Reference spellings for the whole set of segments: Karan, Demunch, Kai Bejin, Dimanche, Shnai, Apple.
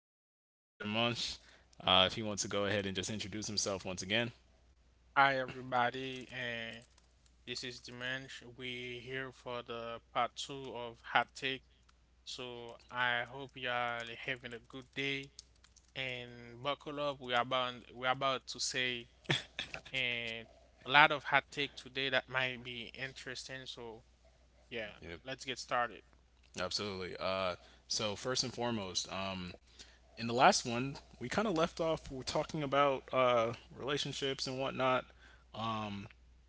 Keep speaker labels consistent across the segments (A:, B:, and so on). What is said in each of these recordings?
A: my friend here at Demunch. If he wants to go ahead and just introduce himself once again.
B: Hi everybody, and this is Dimanche. We here for the part two of Hot Take. So I hope y'all having a good day and buckle up. We are about to say and a lot of hot take today that might be interesting. So yeah,
A: Yep.
B: let's get started.
A: Absolutely. So first and foremost, in the last one, we kind of left off we're talking about relationships and whatnot.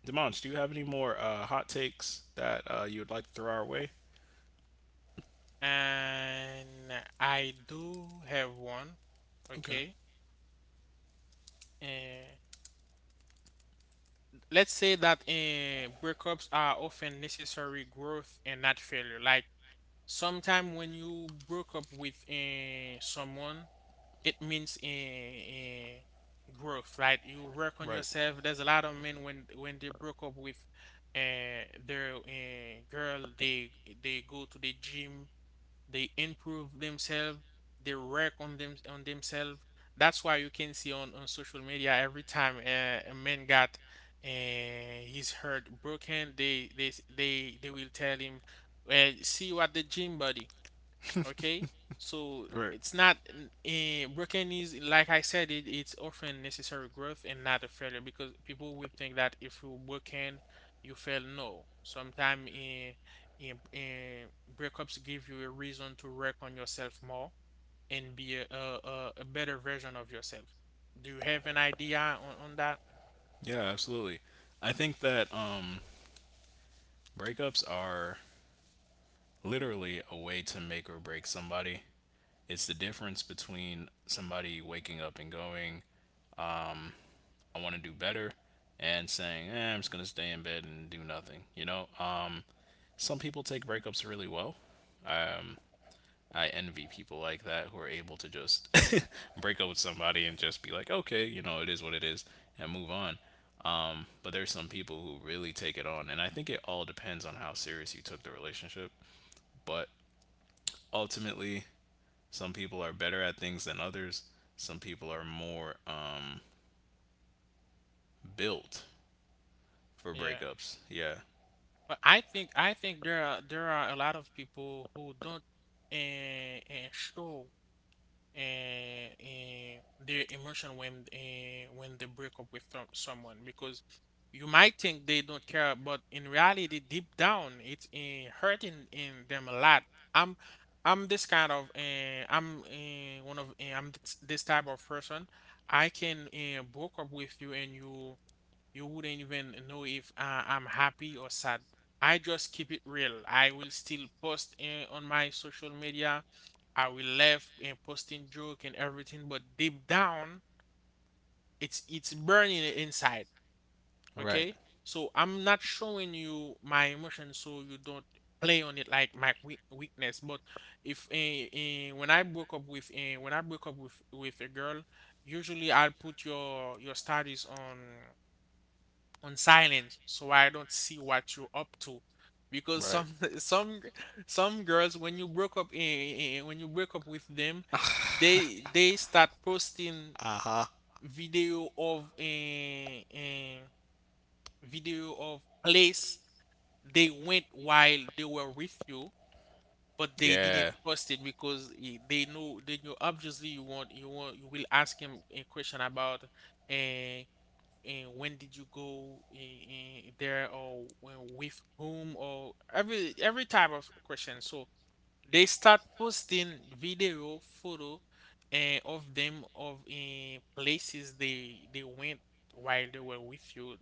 A: Demonch, do you have any more hot takes that you would like to throw our way?
B: And I do have one.
A: Okay.
B: Okay. And let's say that breakups are often necessary growth and not failure. Like sometime when you broke up with someone, it means growth, right? You work on
A: Right.
B: yourself. There's a lot of men when they broke up with their girl, they go to the gym, they improve themselves, they work on themselves. That's why you can see on social media every time a man got his heart broken, they s- they will tell him, see you at the gym, buddy. Okay, so
A: Right.
B: it's not broken is like I said it's often necessary growth and not a failure because people will think that if you broken you fail. No, sometimes in breakups give you a reason to work on yourself more and be a better version of yourself. Do you have an idea on that?
A: Yeah, absolutely. I think that breakups are literally a way to make or break somebody. It's the difference between somebody waking up and going, I want to do better, and saying, eh, I'm just going to stay in bed and do nothing. Some people take breakups really well. Um, I envy people like that who are able to just break up with somebody
B: Uh,
A: and just be like, okay, it is what it is, and move on. But there's some people who really take it on, and I think it all depends on how serious you took the relationship. But ultimately, some people are better at things than others. Some people are more built for
B: Yeah,
A: breakups. Yeah.
B: but I think there are a lot of people who don't and show their emotion when they break up with someone because you might think they don't care, but in reality deep down it's hurting in them a lot. I'm i'm this kind of I'm this, this type of person. I can broke up with you and you wouldn't even know if I'm happy or sad. I just keep it real. I will still post on my social media. I will laugh and posting joke and everything, but deep down, it's burning inside.
A: Right.
B: Okay, so I'm not showing you my emotions so you don't play on it like my weakness. But if when I broke up with a girl, usually I'll put your status on silence so I don't see what you're up to. Because
A: Right.
B: some some g- some girls when you break up when you break up with them, they start posting
A: Uh huh.
B: video of a video of place they went while they were with you, but they didn't
A: Yeah.
B: post it because they know obviously you want you will ask him a question about uh, and when did you go in there or when, with whom or every type of question. So they start posting video photo and of them of in places they went while they were with you,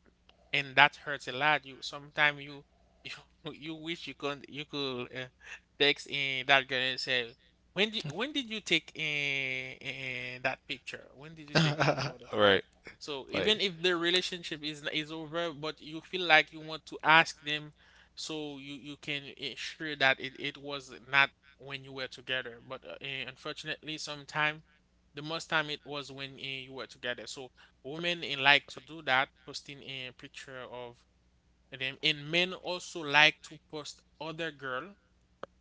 B: and that hurts a lot. You sometimes you you wish you could text in that girl and say when did you take in that picture, when did you take that photo.
A: Right.
B: So even
A: Like
B: if the relationship is over, but you feel like you want to ask them so you can ensure that it was not when you were together. But unfortunately, sometime the most time it was when you were together. So women like to do that, posting a picture of them, and men also like to post other girl,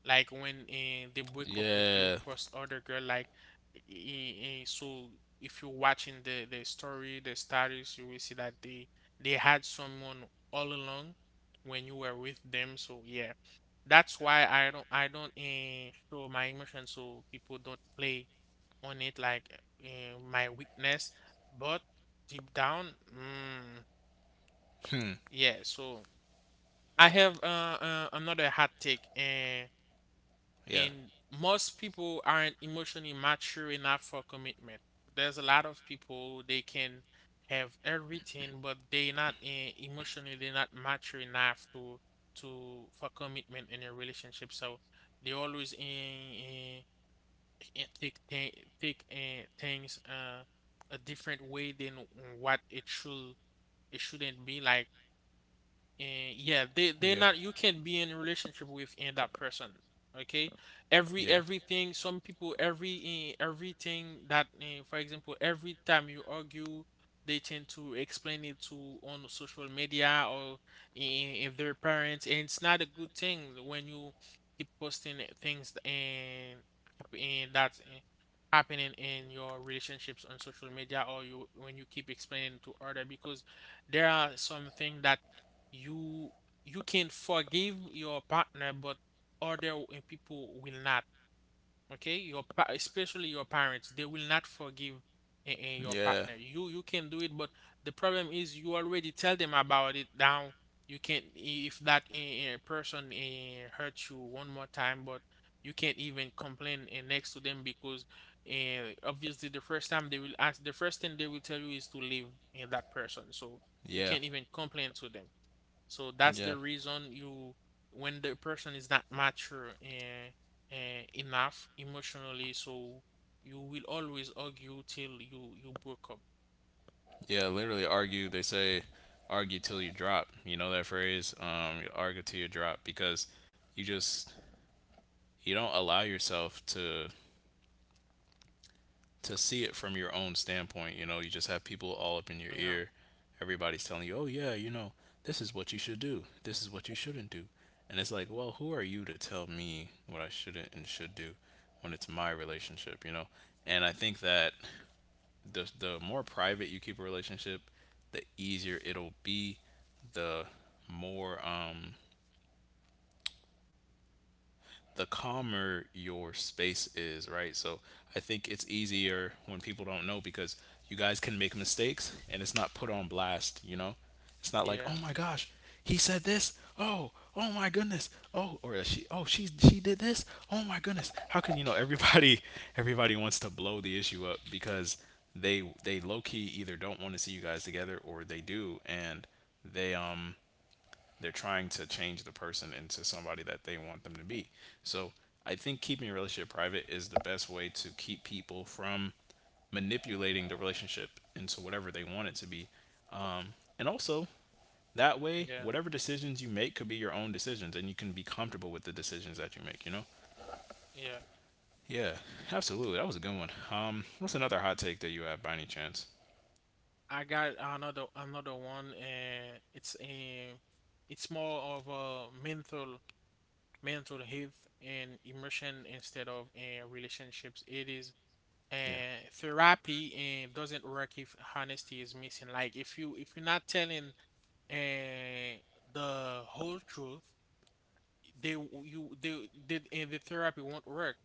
B: like when they break up with you
A: yeah.
B: plus other girl, like so if you're watching the story, the status, you will see that they had someone all along when you were with them. So yeah, that's why I don't show my emotions so people don't play on it like my weakness. But deep down, mm,
A: Hmm.
B: yeah. So I have another hot take.
A: Yeah.
B: And most people aren't emotionally mature enough for commitment. There's a lot of people, they can have everything, but they not eh, emotionally they're not mature enough to for commitment in a relationship. So they always in think things a different way than what it should it shouldn't be like. And yeah, they they're
A: Yeah.
B: not, you can't be in a relationship with and that person. Okay,
A: Yeah.
B: everything some people, everything that for example, every time you argue, they tend to explain it to on social media or if their parents. And it's not a good thing when you keep posting things and that happening in your relationships on social media, or you when you keep explaining to other, because there are some things that you you can forgive your partner, but other people will not. Okay, your especially your parents, they will not forgive your
A: Yeah.
B: partner. You can do it, but the problem is you already tell them about it now. You can't if that person hurt you one more time, but you can't even complain next to them, because obviously the first thing they will tell you is to leave that person. So you
A: Yeah.
B: can't even complain to them, so that's
A: Yeah.
B: the reason you, when the person is not mature enough emotionally, so you will always argue till you you broke up.
A: Yeah. Literally argue. They say argue till you drop. You know that phrase? Argue till you drop because you just, you don't allow yourself to see it from your own standpoint. You just have people all up in your
B: Yeah,
A: ear. Everybody's telling you, oh, yeah, this is what you should do. This is what you shouldn't do. And it's like, well, who are you to tell me what I shouldn't and should do when it's my relationship, And I think that the more private you keep a relationship, the easier it'll be, the more the calmer your space is, right? So I think it's easier when people don't know because you guys can make mistakes and it's not put on blast, It's not like,
B: yeah,
A: "Oh my gosh, he said this. Oh, oh my goodness. Oh, or she oh, she did this. Oh my goodness." How can you know everybody wants to blow the issue up because they low key either don't want to see you guys together or they do and they they're trying to change the person into somebody that they want them to be. So I think keeping your relationship private is the best way to keep people from manipulating the relationship into whatever they want it to be. Um, and also, that way,
B: yeah,
A: whatever decisions you make could be your own decisions and you can be comfortable with the decisions that you make,
B: yeah.
A: Yeah, absolutely. That was a good one. What's another hot take that you have by any chance?
B: I got another one, and it's a, it's more of a mental health and emotion instead of relationships. It is
A: Yeah.
B: and therapy and doesn't work if honesty is missing. Like if you're not telling and the whole truth, they w- you they did in the therapy won't work.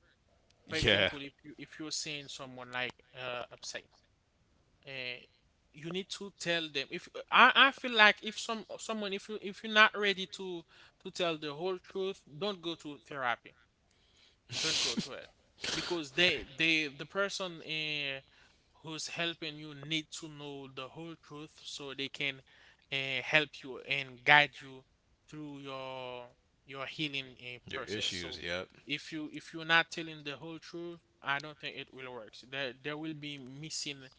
B: For
A: Yeah.
B: example, if you if you're seeing someone like upset, uh, you need to tell them. If I, I feel like if some someone if you if you're not ready to tell the whole truth, don't go to therapy, don't go to it, because
A: Right.
B: they the person who's helping you need to know the whole truth so they can help you and guide you through your healing
A: Your
B: process.
A: issues,
B: So
A: yep.
B: if you're not telling the whole truth, I don't think it will work. So there will be missing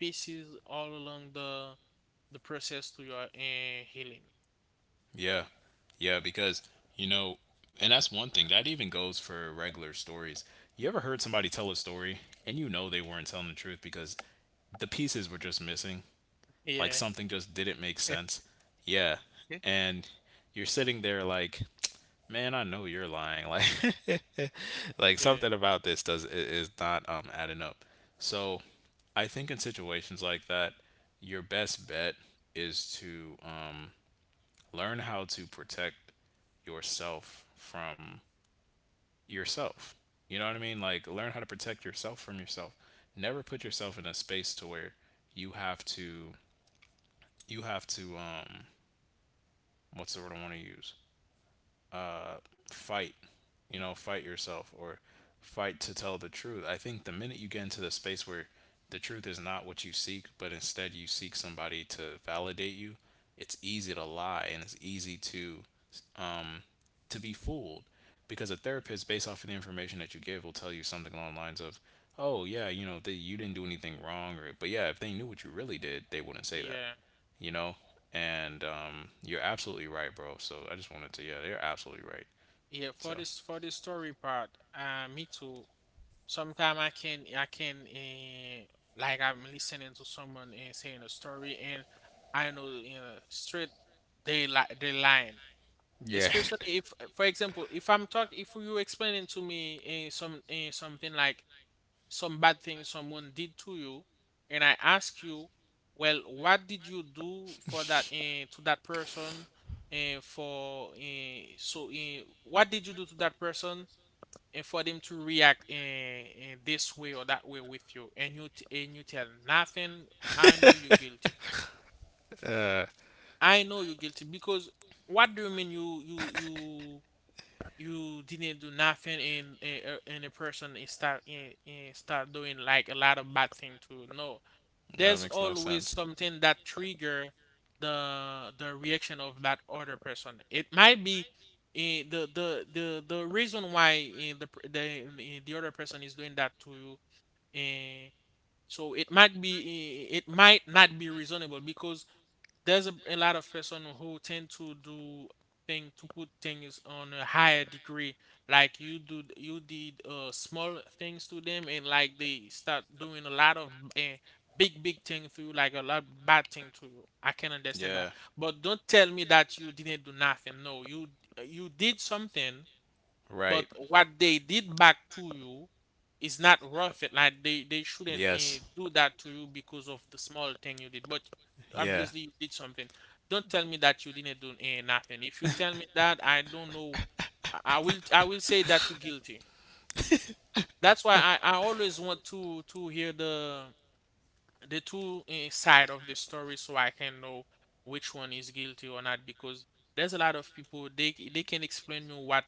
B: pieces all along the process to your healing.
A: Yeah. Yeah, because you know, and that's one thing. That even goes for regular stories. You ever heard somebody tell a story and you know they weren't telling the truth because the pieces were just missing? Like
B: Yeah.
A: something just didn't make sense. Yeah.
B: Yeah,
A: And you're sitting there like, "Man, I know you're lying." Like something about this is not adding up. So, I think in situations like that, your best bet is to learn how to protect yourself from yourself. You know what I mean? Like learn how to protect yourself from yourself. Never put yourself in a space to where you have to you have to what's the word I want to use? uh, Fight, you know, fight yourself or fight to tell the truth. I think the minute you get into the space where the truth is not what you seek, but instead you seek somebody to validate you, it's easy to lie and it's easy um, to be fooled because a therapist, based off of the information that you give, will tell you something along the lines of, "Oh yeah, you know, the, you didn't do anything wrong," or "But yeah, if they knew what you really did, they wouldn't say that,"
B: yeah.
A: you know. And you're absolutely right, bro. So I just wanted to, yeah, they're absolutely right.
B: Yeah, for
A: So
B: this for the story part, me too. Sometimes I can like I'm listening to someone and saying a story, and I know, you know, straight they like they lying.
A: yeah,
B: Especially if, for example, if I'm talk if you explaining to me something like some bad thing someone did to you, and I ask you, well, what did you do for that to that person, and for so what did you do to that person and for them to react in, this way or that way with you, and you and you tell nothing, I know you're guilty.
A: uh,
B: I know you're guilty, because what do you mean you you didn't do nothing, and and the person is start and start doing like a lot of bad thing too. No,
A: that
B: there's
A: makes
B: always
A: sense.
B: something that trigger the reaction of that other person. It might be the reason why eh, the pr- the eh, the other person is doing that to you. eh, so it might be it might not be reasonable, because there's a lot of person who tend to do thing to put things on a higher degree. Like you did small things to them, and like they start doing a lot of uh, big thing to you, like a lot bad thing to you. I can understand that,
A: Yeah,
B: but don't tell me that you didn't do nothing. No, you you did something, but
A: right.
B: what they did back to you is not worth it. Like they shouldn't
A: Yes.
B: do that to you because of the small thing you did. But
A: Yeah.
B: obviously you did something. Don't tell me that you didn't do nothing. If you tell me that, I don't know. I will say that you're guilty. That's why I always want to hear the two side of the story so I can know which one is guilty or not, because there's a lot of people they can explain you what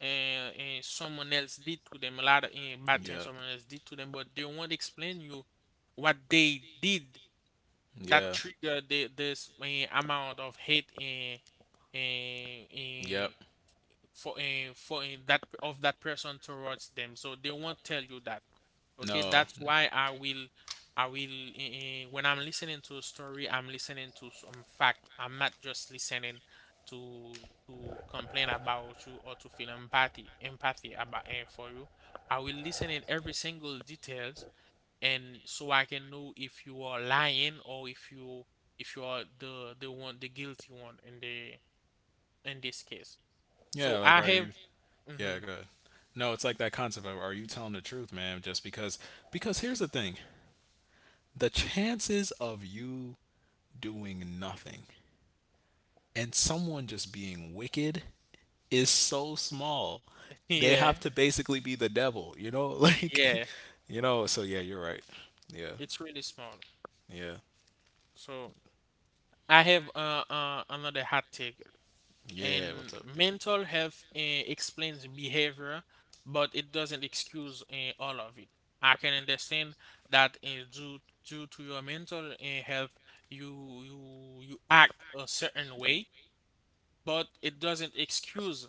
B: and someone else did to them, a lot of bad things
A: Yep.
B: someone else did to them, but they won't explain you what they did that
A: Yeah.
B: triggered this amount of hate and
A: Yep.
B: for that of that person towards them, so they won't tell you that. Okay,
A: No.
B: that's why I will, when I'm listening to a story, I'm listening to some fact. I'm not just listening to to complain about you or to feel empathy, about for you. I will listen in every single details, and so I can know if you are lying, or if you are the one, the guilty one in the in this case. So
A: Yeah. Like,
B: I
A: are
B: have,
A: you? Yeah.
B: hmm
A: Go ahead. No, it's like that concept of are you telling the truth, man? Just because? Because here's the thing: the chances of you doing nothing and someone just being wicked is so small. They
B: yeah,
A: have to basically be the devil, you know? Like,
B: yeah,
A: you know. So yeah, you're right. Yeah.
B: it's really small.
A: Yeah.
B: So. I have another hot take,
A: Yeah.
B: and
A: What's up?
B: mental health explains behavior, but it doesn't excuse all of it. I can understand that due to your mental health, you you you act a certain way, but it doesn't excuse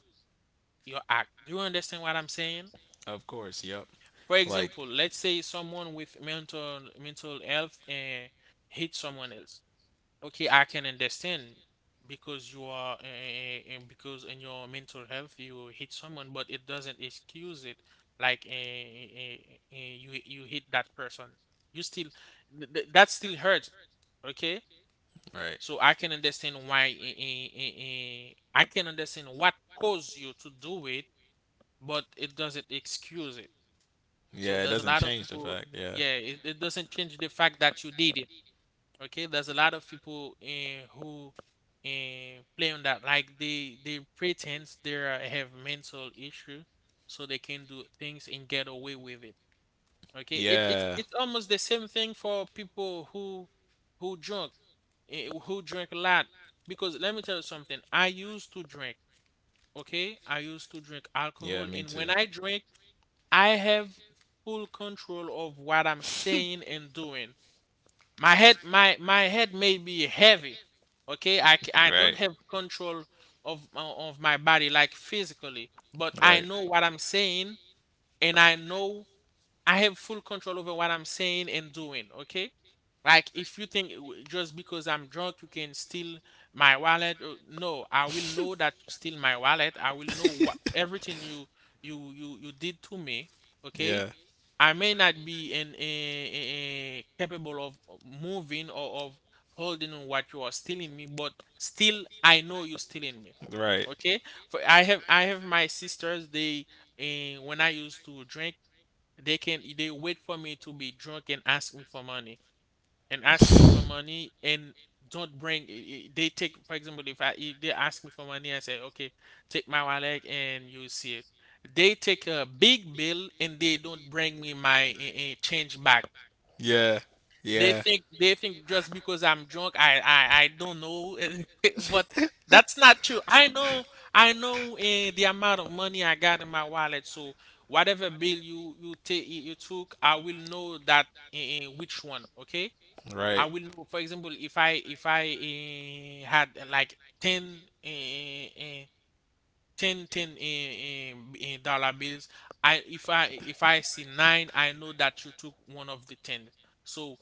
B: your act. Do you understand what I'm saying?
A: Of course, yep.
B: For
A: Like,
B: example, let's say someone with mental health hit someone else. Okay, I can understand because you are because in your mental health you hit someone, but it doesn't excuse it. Like you hit that person, you still that still hurts. Okay,
A: right.
B: so I can understand why I can understand what caused you to do it, but it doesn't excuse it. So
A: Yeah, it
B: there's a
A: doesn't
B: lot of
A: change the
B: people.
A: fact. Yeah.
B: Yeah, it doesn't change the fact that you did it. Okay, there's a lot of people who play on that, like they pretend they have mental issue so they can do things and get away with it. Okay, it's
A: Yeah.
B: almost the same thing for people who drunk, who drink a lot. Because let me tell you something, I used to drink. Okay, I used to drink
A: Yeah,
B: alcohol,
A: me
B: and
A: too.
B: when I drink I have full control of what I'm saying and doing. My head, my head may be heavy. Okay, I don't have control of my body, like physically, but I
A: Right.
B: know what I'm saying. And I know I have full control over what I'm saying and doing. Okay, like if you think just because I'm drunk you can steal my wallet, no, I will know that you steal my wallet. I will know what everything you did to me. Okay,
A: Yeah,
B: I may not be in- capable of moving or of holding on what you are stealing me, but still I know you're stealing me.
A: right.
B: Okay? For I have my sisters. They when I used to drink, they wait for me to be drunk and ask me for money and don't bring they take, for example, if I if they ask me for money, I say okay, take my wallet, and you see it, they take a big bill and they don't bring me my change back.
A: Yeah. Yeah.
B: They think just because I'm drunk I don't know. But that's not true. I know. I know the amount of money I got in my wallet, so whatever bill you took, I will know that, which one. Okay, I
A: Right.
B: will know, for example, if I had, like 10 10 ten dollar bills, I if I see nine, I know that you took one of the 10. So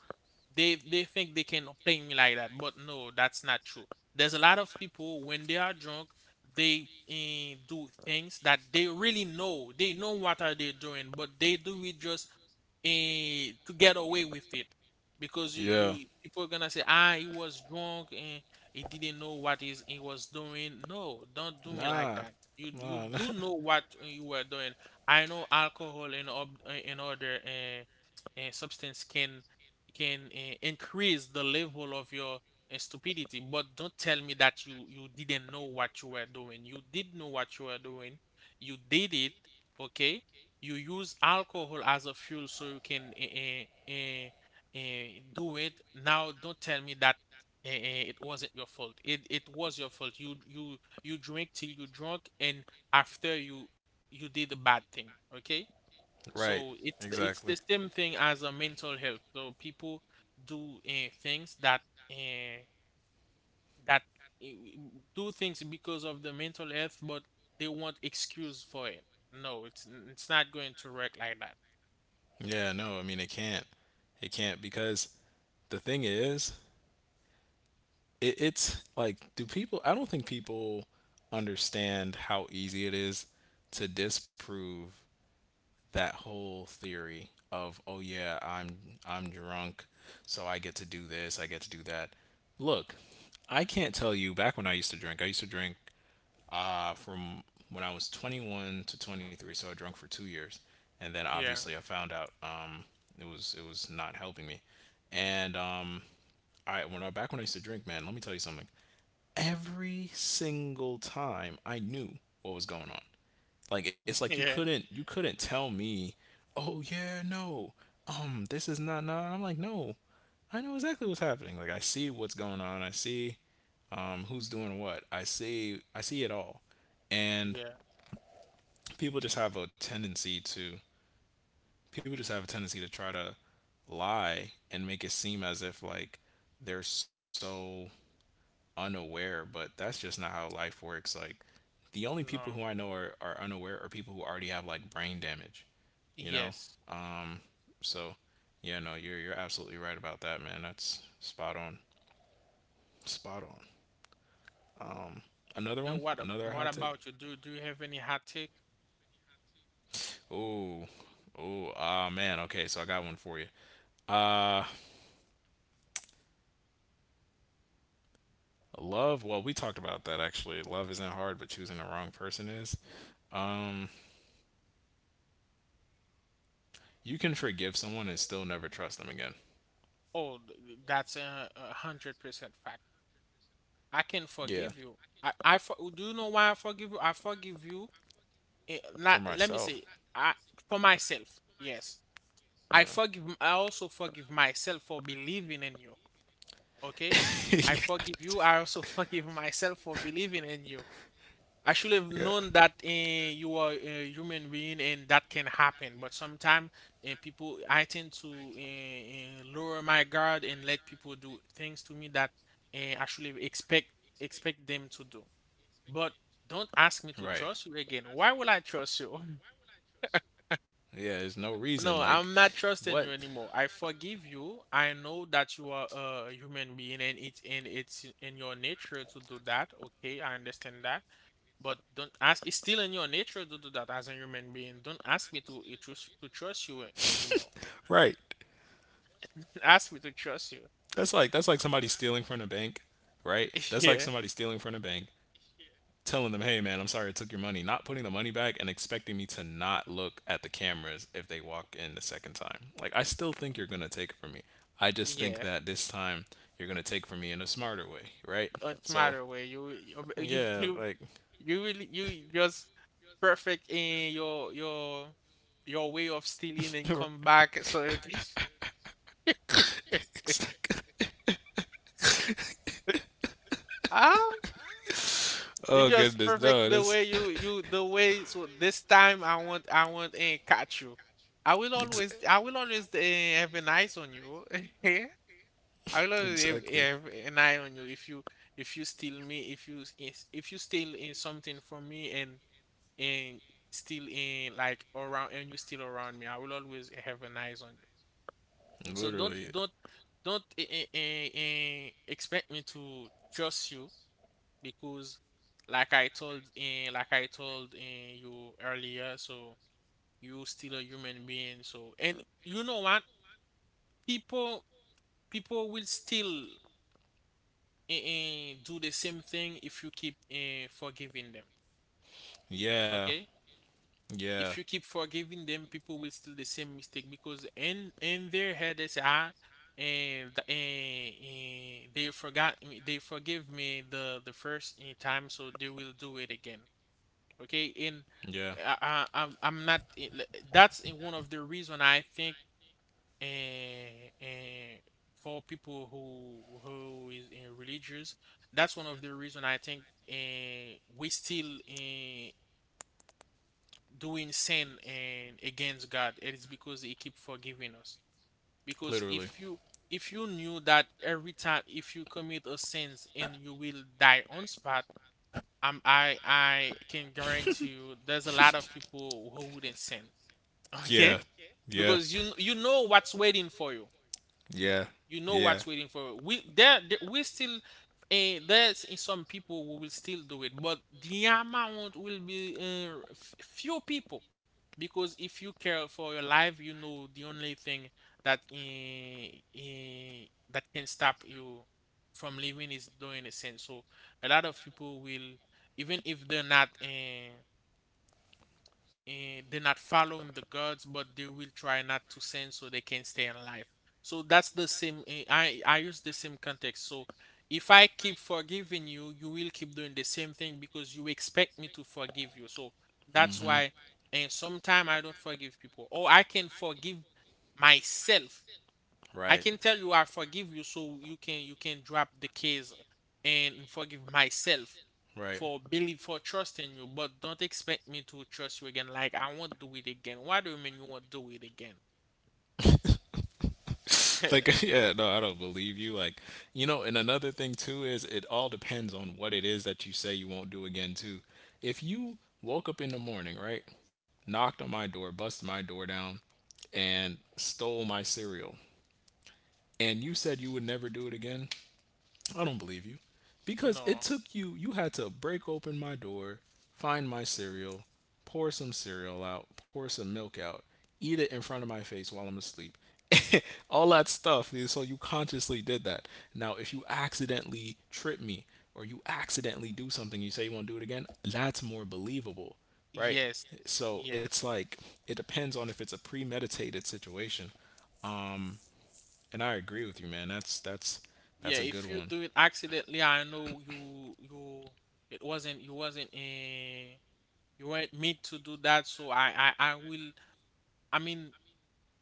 B: they think they can play me like that, but no, that's not true. There's a lot of people, when they are drunk they do things that they really know, they know what are they doing, but they do it just to get away with it. Because
A: Yeah.
B: you people are gonna say ah, he was drunk and he didn't know what is he was doing. No, don't do me like
A: Nah.
B: that. You
A: Nah.
B: do know what you were doing. I know alcohol and and other substance can increase the level of your stupidity, but don't tell me that you didn't know what you were doing. You did know what you were doing. You did it. Okay, you use alcohol as a fuel so you can uh, uh, do it. Now don't tell me that it wasn't your fault. It was your fault. You you drink till you drunk, and after you you did a bad thing. Okay,
A: Right.
B: so it's
A: Exactly.
B: the same thing as a mental health. So people do things that uh, that uh, do things because of the mental health, but they want excuse for it. No, it's not going to work like that.
A: Yeah, no, I mean it can't. It can't because the thing is, it's like do people I don't think people understand how easy it is to disprove that whole theory of oh yeah I'm drunk, so I get to do this, I get to do that. Look, I can't tell you back when I used to drink, from when I was 21 to 23, so I drank for 2 years. And then
B: Yeah,
A: obviously I found out, it was not helping me. And I when I back when I used to drink, man, let me tell you something. Every single time I knew what was going on. Like it's like
B: yeah,
A: you couldn't tell me, oh yeah, no, this is not not. I'm like, no, I know exactly what's happening. Like I see what's going on. I see who's doing what. I see it all. And
B: yeah.
A: people just have a tendency to people just have a tendency to try to lie and make it seem as if like they're so unaware, but that's just not how life works. Like the only people who I
B: No.
A: know are unaware are people who already have like brain damage. You know?
B: Yes.
A: Um, so yeah, no, you're absolutely right about that, man. That's spot on. Spot on. Another one?
B: And
A: Another hot
B: what
A: take?
B: about you? Do do you have any hot take?
A: Oh. Oh, ah man. Okay, so I got one for you. Uh love, well, we talked about that actually. Love isn't hard, but choosing the wrong person is. Um you can forgive someone and still never trust them again.
B: Oh, that's a 100% fact. I can
A: Yeah,
B: forgive you. Do you know why I forgive you? I forgive you,
A: for
B: let me
A: myself.
B: say, I for myself, yes,
A: Yeah.
B: I forgive. I also forgive myself for believing in you. Okay,
A: Yeah,
B: I
A: that's-
B: forgive you. I also forgive myself for believing in you. I should have
A: yeah.
B: known that you are a human being and that can happen. But sometimes people, I tend to lower my guard and let people do things to me that I should have expect them to do. But don't ask me
A: Right.
B: to trust you again. Why will I trust you?
A: Yeah, there's no reason like
B: No, I'm not
A: what.
B: trusting you anymore. I forgive you. I know that you are a human being and it's in your nature to do that. Okay, I understand that. But don't ask, it's still in your nature to do that as a human being. Don't ask me to eh, trust to trust you
A: Right.
B: anymore. Ask me to trust
A: That's
B: you.
A: like somebody stealing from the bank, right? That's like somebody stealing from
B: Yeah.
A: the bank, telling them, "Hey man, I'm sorry I took your money," not putting the money back and expecting me to not look at the cameras if they walk in the second time. Like I still think you're going to take it from me. I just think that
B: Yeah.
A: this time you're going to take from me in a smarter way, right?
B: It's
A: So,
B: matter where you
A: yeah, like
B: you really you just perfect in your your way of stealing and come back so you can
A: exactly.
B: Ah.
A: Oh
B: You just
A: goodness, no,
B: perfect the
A: that's
B: way you you the way, so this time I want and catch you.
A: ex-
B: I will always have an eyes on you. I will always
A: exactly,
B: have an eye on you if you steal me, if if you steal in something from me, and and steal in like around, and you steal around me, I will always have an eyes on you. So don't
A: literally,
B: don't don't eh, eh, eh, eh, expect me to trust you, because like I told in you earlier, so you still a human being. So, and you know what? People people will still do the same thing if you keep forgiving them.
A: yeah,
B: Okay?
A: yeah,
B: If you keep forgiving them, people will still the same mistake, because in their head they say ah, and they forgot me, they forgive me the first time, so they will do it again. Okay, and
A: yeah,
B: I'm not, that's in one of the reason I think, and for people who is in religious, that's one of the reason I think and we still in doing sin and against God, it is because he keep forgiving us. Because
A: literally,
B: if you knew that every time if you commit a sins and you will die on spot, I can guarantee you there's a lot of people who wouldn't sin.
A: yeah,
B: Okay?
A: yeah,
B: Because you know what's waiting for you.
A: yeah.
B: You know
A: Yeah.
B: what's waiting for we there, we still there's in some people who will still do it, but the amount will be few people. Because if you care for your life, you know the only thing that eh, that can stop you from living is doing a sin. So a lot of people will, even if they're not and they're not following the gods, but they will try not to sin so they can stay alive. So that's the same. I use the same context. So if I keep forgiving you, you will keep doing the same thing because you expect me to forgive you. So that's
A: Hmm.
B: why, and sometimes I don't forgive people, or I can forgive myself. I
A: Right.
B: can tell you I forgive you so you can drop the case and forgive myself
A: Right.
B: for believe for trusting you, but don't expect me to trust you again. Like I won't do it again. Why do you mean you won't do it again?
A: Like yeah, no, I don't believe you. Like, you know, and another thing too is it all depends on what it is that you say you won't do again too. If you woke up in the morning, right, knocked on my door, busted my door down, and stole my cereal, and you said you would never do it again, I don't believe you. Because it
B: No.
A: took you, you had to break open my door, find my cereal, pour some cereal out, pour some milk out, eat it in front of my face while I'm asleep. All that stuff. So you consciously did that. Now, if you accidentally trip me or you accidentally do something, you say you won't do it again, that's more believable, right?
B: Yes.
A: So it's
B: Yes.
A: like, it depends on if it's a premeditated situation. Um, and I agree with you, man. That's
B: Yeah,
A: a good
B: if you
A: one.
B: do it accidentally, I know you you it wasn't, you wasn't you weren't meant to do that, so I will, I mean,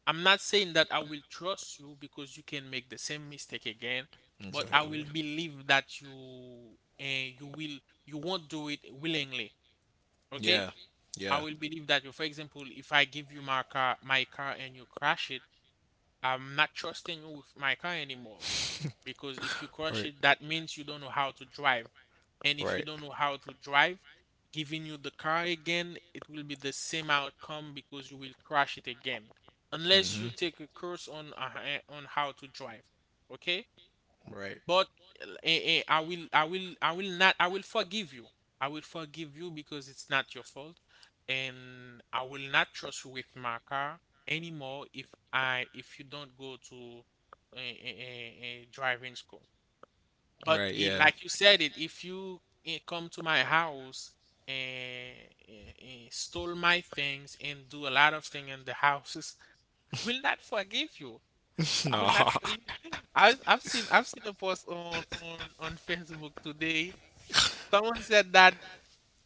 B: I'm not saying that I will trust you because you can make the same mistake again, but I will
A: Exactly.
B: believe that you you will you won't do it willingly. Okay?
A: Yeah.
B: I
A: Yeah.
B: will believe that you, for example, if I give you my car and you crash it, I'm not trusting you with my car anymore because if you crash
A: Right.
B: it, that means you don't know how to drive. And if you
A: Right.
B: don't know how to drive, giving you the car again, it will be the same outcome because you will crash it again. Unless
A: Mm-hmm.
B: you take a course on on how to drive. Okay?
A: Right.
B: But eh, eh, eh, I will I will I will not I will forgive you. I will forgive you because it's not your fault. And I will not trust you with my car anymore if I if you don't go to a driving school. But
A: Right.
B: it,
A: Yeah.
B: like you said it, if you come to my house and, stole my things and do a lot of things in the houses, I will not forgive you. I will
A: No.
B: not forgive you. I've seen a post on Facebook today. Someone said that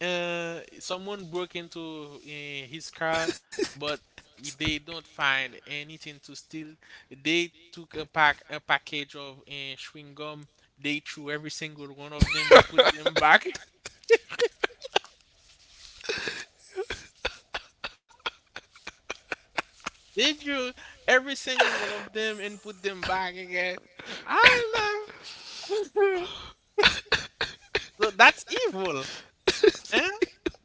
B: someone broke into his car, but they don't find anything to steal. They took a package of chewing gum. They threw every single one of them and put them back. They threw every single one of them and put them back again. I love. So that's evil, eh?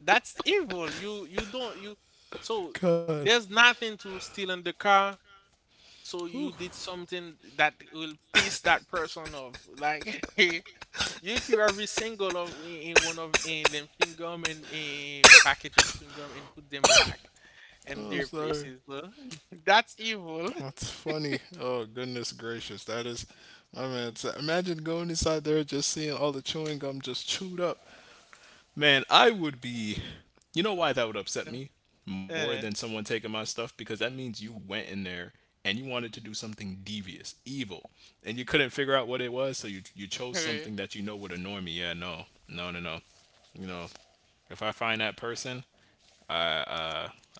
B: That's evil. You you don't you so
A: God.
B: there's nothing to steal in the car. So you did something that will piss that person off. Like, you threw every single of in one of in them chewing gum and a package of chewing gum and put them back in
A: I'm
B: their
A: sorry.
B: places. So that's evil.
A: That's funny. Oh goodness gracious. That is. I mean, imagine going inside there just seeing all the chewing gum just chewed up. Man, I would be. You know why that would upset me more than
B: Eh,
A: someone taking my stuff? Because that means you went in there and you wanted to do something devious, evil, and you couldn't figure out what it was, so you chose
B: eh,
A: something that you know would annoy me. Yeah, no, no, no, no. You know, if I find that person,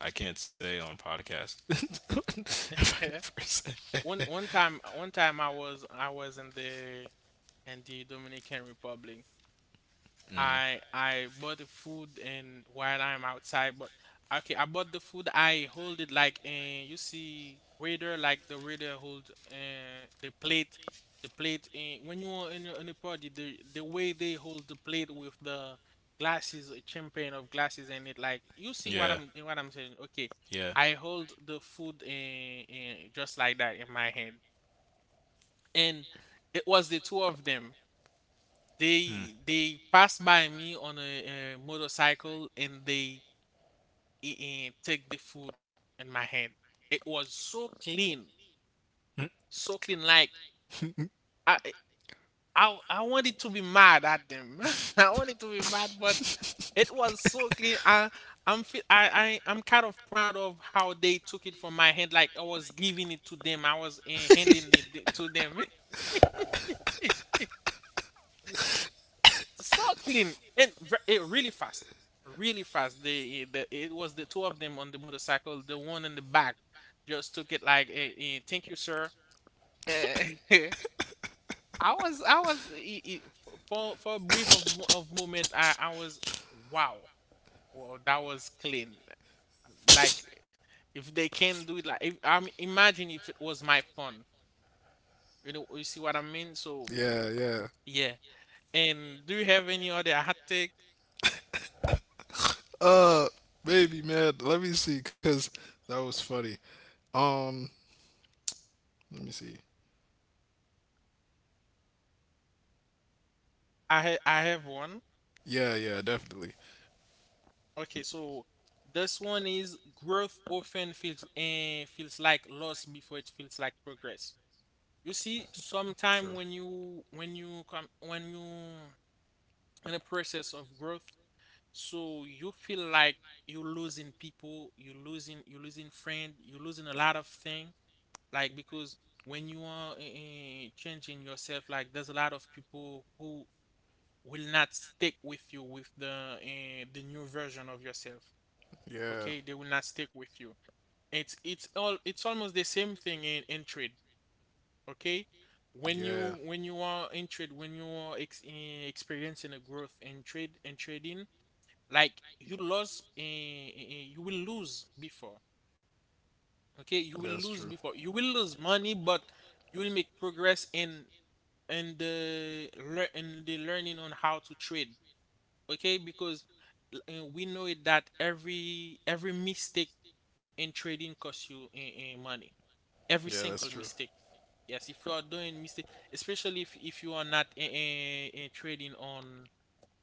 A: I can't say on podcast. If I find
B: eh.
A: that person,
B: One time I was in the Dominican Republic. I bought the food and while I'm outside, but okay, I bought the food. I hold it like, you see, waiter, like the waiter hold the plate, the plate. When you are in a party, the way they hold the plate with the glasses, champagne of glasses in it, like you see
A: yeah,
B: what I'm saying. Okay,
A: yeah.
B: I hold the food just like that in my hand, and it was the two of them. They pass by me on a, motorcycle and they take the food in my hand. It was so clean, so clean. Like, I eh, I wanted to be mad at them. I wanted to be mad, but it was so clean. I I'm feel I I'm kind of proud of how they took it from my hand. Like I was giving it to them. I was handing it to them. So clean and it really fast, really fast. They it was the two of them on the motorcycle. The one in the back just took it like, "Thank you, sir." Eh, I was eh, eh, eh, f- for a brief of mo- of moment. I was wow, well that was clean. Like, if they can do it, like if I'm imagine if it was my phone. You know, you see what I mean? So
A: Yeah, yeah.
B: yeah. And do you have any other hot take?
A: Uh, Baby, man. Let me see, cause that was funny. Um, Let me see.
B: I have one.
A: Yeah, yeah, definitely.
B: Okay, so this one is growth often feels feels like loss before it feels like progress. You see,
A: True.
B: sometime when you in a process of growth, so you feel like you're losing people, you're losing friend, you're losing a lot of thing. Like, because when you are changing yourself, like there's a lot of people who will not stick with you with the the new version of yourself.
A: Yeah,
B: Okay, they will not stick with you. It's almost the same thing in trade. Okay, when
A: yeah,
B: you are experiencing a growth in trade and trading, like you lost, you will lose before. Okay, you will
A: that's
B: lose
A: true.
B: before, you will lose money, but you will make progress in in the learning on how to trade. Okay, because we know it that every mistake and trading costs you money. Every
A: Yeah, that's
B: single
A: true.
B: mistake. Yes, if you are doing mistake, especially if you are not trading on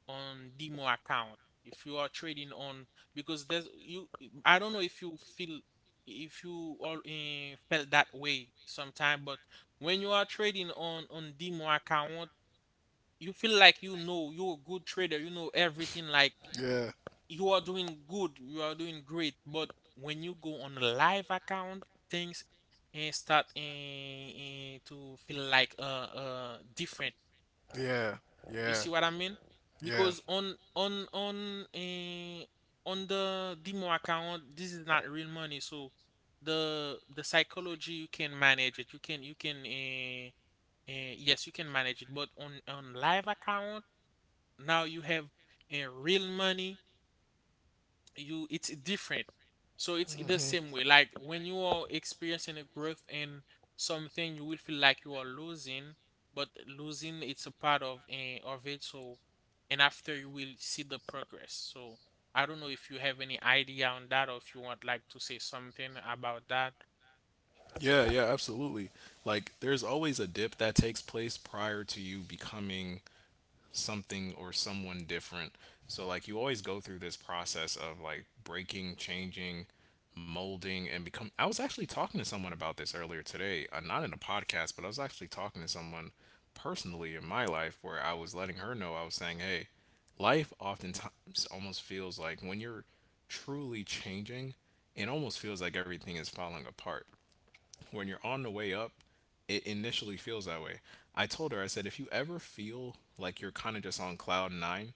B: demo account, if you are trading on, because there's you. I don't know if you feel, if you all felt that way sometime, but when you are trading on demo account, you feel like you know you're a good trader. You know everything. Like,
A: Yeah,
B: you are doing good, you are doing great, but when you go on a live account, things and start to feel like different.
A: yeah,
B: You
A: yeah,
B: see what I mean?
A: yeah,
B: Because on on the demo account, this is not real money, so the psychology you can manage it. You can yes you can manage it, but on live account now you have real money. You, it's different. So it's the same way, like when you are experiencing a growth in something, you will feel like you are losing, but losing, it's a part of of it. So, and after, you will see the progress. So I don't know if you have any idea on that, or if you want, like, to say something about that.
A: yeah, yeah, absolutely. Like, there's always a dip that takes place prior to you becoming something or someone different. So like you always go through this process of like breaking, changing, molding and become I was actually talking to someone about this earlier today, not in a podcast, but I was actually talking to someone personally in my life where I was letting her know I was saying, "Hey, life oftentimes almost feels like when you're truly changing, it almost feels like everything is falling apart." When you're on the way up, it initially feels that way. I told her, I said, if you ever feel like you're kind of just on cloud nine,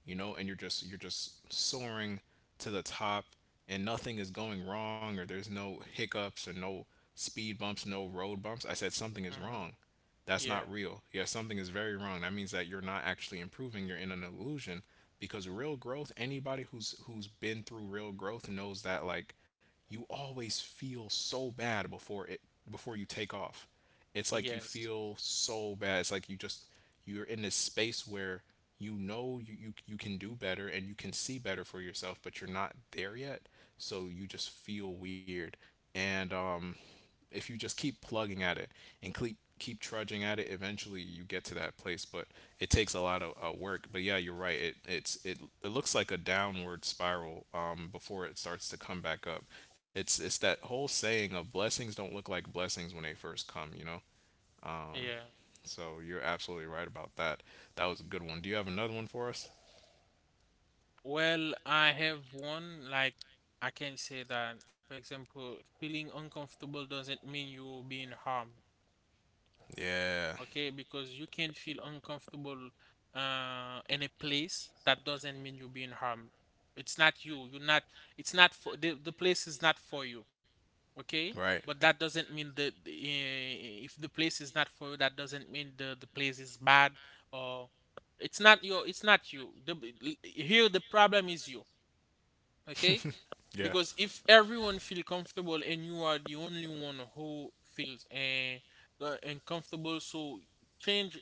A: and you're just soaring to the top and nothing is going wrong or there's no hiccups or no speed bumps, no road bumps. I said something is
B: Hmm,
A: wrong. That's not
B: yeah,
A: real. Yeah, something is very wrong. That means that you're not actually improving, you're in an illusion because real growth, anybody who's been through real growth knows that like you always feel so bad before it before you take off. It's like you
B: yes,
A: feel so bad. It's like you just you're in this space where you know you can do better and you can see better for yourself, but you're not there yet. So you just feel weird. And if you just keep plugging at it and keep trudging at it, eventually you get to that place. But it takes a lot of work. But yeah, you're right. It looks like a downward spiral before it starts to come back up. It's that whole saying of blessings don't look like blessings when they first come. You know. Um,
B: yeah,
A: so you're absolutely right about that. That was a good one. Do you have another one for us?
B: well, I have one. Like, I can say that, for example, feeling uncomfortable doesn't mean you're being harmed,
A: Yeah.
B: okay? Because you can feel uncomfortable in a place. That doesn't mean you're being harmed. It's not you. You're not. It's not for the place is not for you, okay?
A: Right.
B: But that doesn't mean that the, eh, if the place is not for you, that doesn't mean the place is bad, or it's not your. It's not you. The, here the problem is you, okay?
A: Yeah.
B: Because if everyone feel comfortable and you are the only one who feels uncomfortable, so change,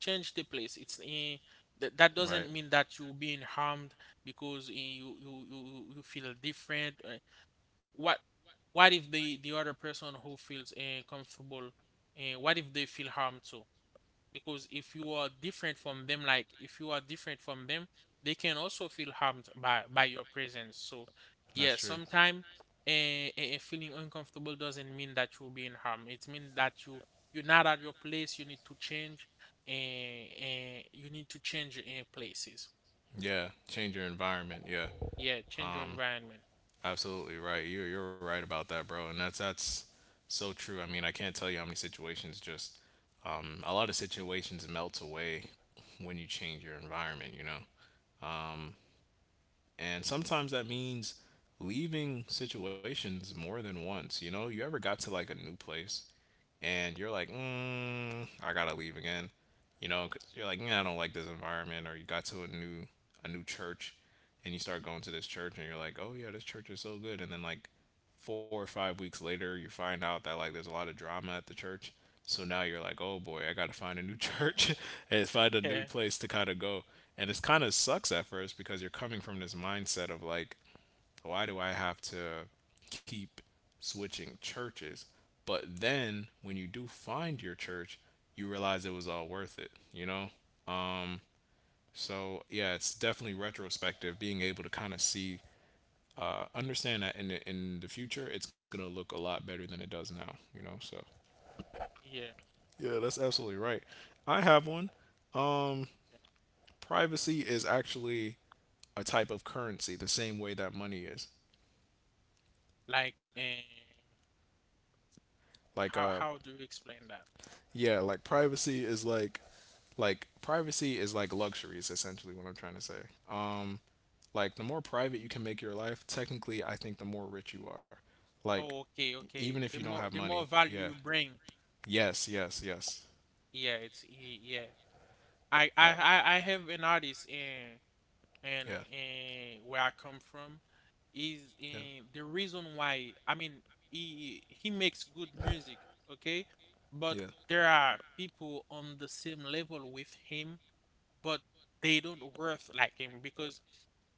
B: change the place. It's eh, that that doesn't mean that you're being harmed, because eh, you feel different. Eh. What what if the the other person who feels comfortable, eh, what if they feel harmed too? Because if you are different from them, like if you are different from them, they can also feel harmed by your presence. So
A: That's
B: yeah,
A: true.
B: sometimes feeling uncomfortable doesn't mean that you're being harmed. It means that you, you're not at your place. You need to change, and you need to change in places.
A: Yeah. Change your environment. Yeah.
B: Yeah, change your
A: Um.
B: environment.
A: Absolutely right. You're right about that, bro. And that's so true. I mean, I can't tell you how many situations just a lot of situations melt away when you change your environment. You know. Um. And sometimes that means leaving situations more than once. You know. You ever got to like a new place and you're like, I gotta leave again, you know, because you're like, "Nah, I don't like this environment, or you got to a new church, and you start going to this church, and you're like, oh yeah, this church is so good, and then like 4 or 5 weeks later, you find out that like there's a lot of drama at the church. So now you're like, oh boy, I gotta find a new church and find a new
B: Yeah,
A: place to kind of go. And it's kind of sucks at first because you're coming from this mindset of like, so why do I have to keep switching churches? But then when you do find your church, you realize it was all worth it, you know? Um, so yeah, it's definitely retrospective, being able to kind of see, understand that in the future, it's gonna look a lot better than it does now, you know? So
B: yeah,
A: yeah, that's absolutely right. I have one. Um,
B: yeah.
A: Privacy is actually a type of currency, the same way that money is.
B: Like, eh,
A: Like,
B: how do you explain that?
A: yeah, like privacy is like privacy is like luxury is essentially what I'm trying to say um like the more private you can make your life technically I think the more rich you are like
B: Oh, okay,
A: even
B: okay.
A: if you
B: The
A: don't have
B: more, the
A: money
B: more value
A: yeah
B: you bring,
A: yes yes yes
B: yeah, yeah,
A: uh,
B: I have an artist in
A: yeah
B: and where I come from is
A: yeah
B: in the reason why I mean, he makes good music, okay? But
A: yeah
B: there are people on the same level with him, but they don't worth like him because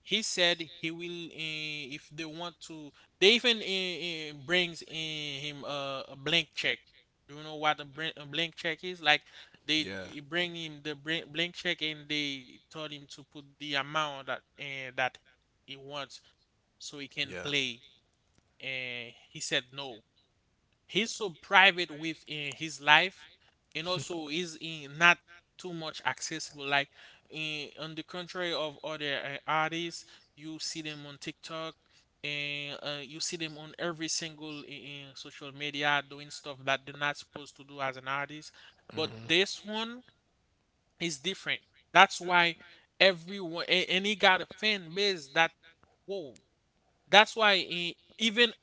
B: he said he will if they want to, they even brings in him a blank check. Do you know what a, a blank check is? Like, they
A: yeah
B: bring him the blank check and they told him to put the amount that that he wants so he can
A: yeah
B: play. And he said no. He's so private within his life, and also is in not too much accessible, like, in, on the contrary of other artists. You see them on TikTok and you see them on every single in, social media doing stuff that they're not supposed to do as an artist. But this one is different. That's why everyone and he got a fan base that, whoa. That's why he, even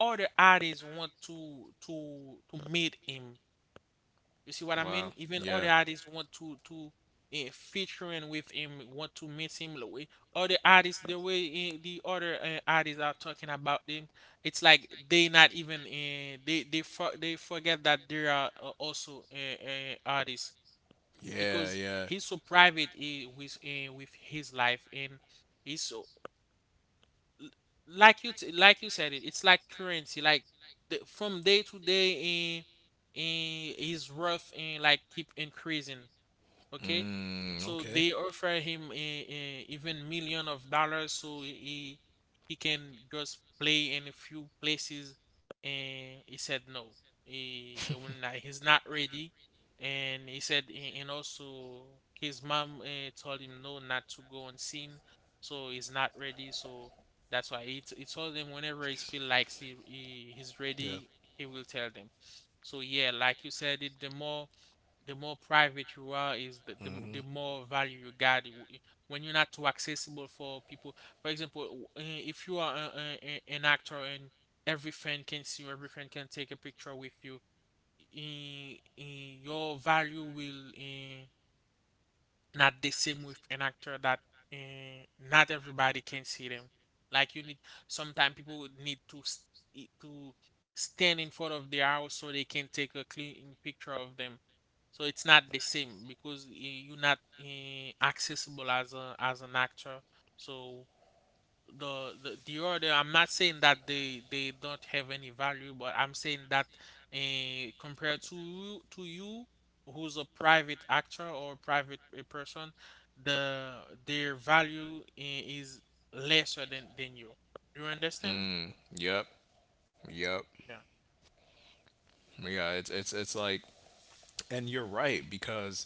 B: other artists want to to meet him. You see what I mean?
A: wow
B: Even other artists want to featuring with him, want to meet him. The way other artists, the way the other artists are talking about him, it's like they not even they they forget that they are also artists
A: yeah
B: because
A: yeah
B: he's so private with his life and he's so l- like you like you said it, it's like currency. Like the, from day to day in is rough and like keep increasing. Okay,
A: mm,
B: so
A: okay
B: they offer him a even million of dollars so he can just play in a few places, and he said no, he, he will not, he's not ready. And he said and also his mom told him no, not to go on scene, so he's not ready. So that's why he, he told them whenever he feel like he, he's
A: yeah
B: ready he will tell them. So yeah, like you said it, the more private you are is
A: mm-hmm.
B: the more value you got. When you're not too accessible for people. For example, if you are an actor and every fan can see you, every fan can take a picture with you, your value will not the same with an actor that not everybody can see them. Like you need sometimes people need to to stand in front of their house so they can take a clean picture of them. So it's not the same because you're not accessible as a as an actor. So the order, I'm not saying that they don't have any value, but I'm saying that compared to you who's a private actor or private a person, the their value is lesser than you. Do you understand?
A: Mm, yep. Yep.
B: Yeah.
A: Yeah, it's like and you're right because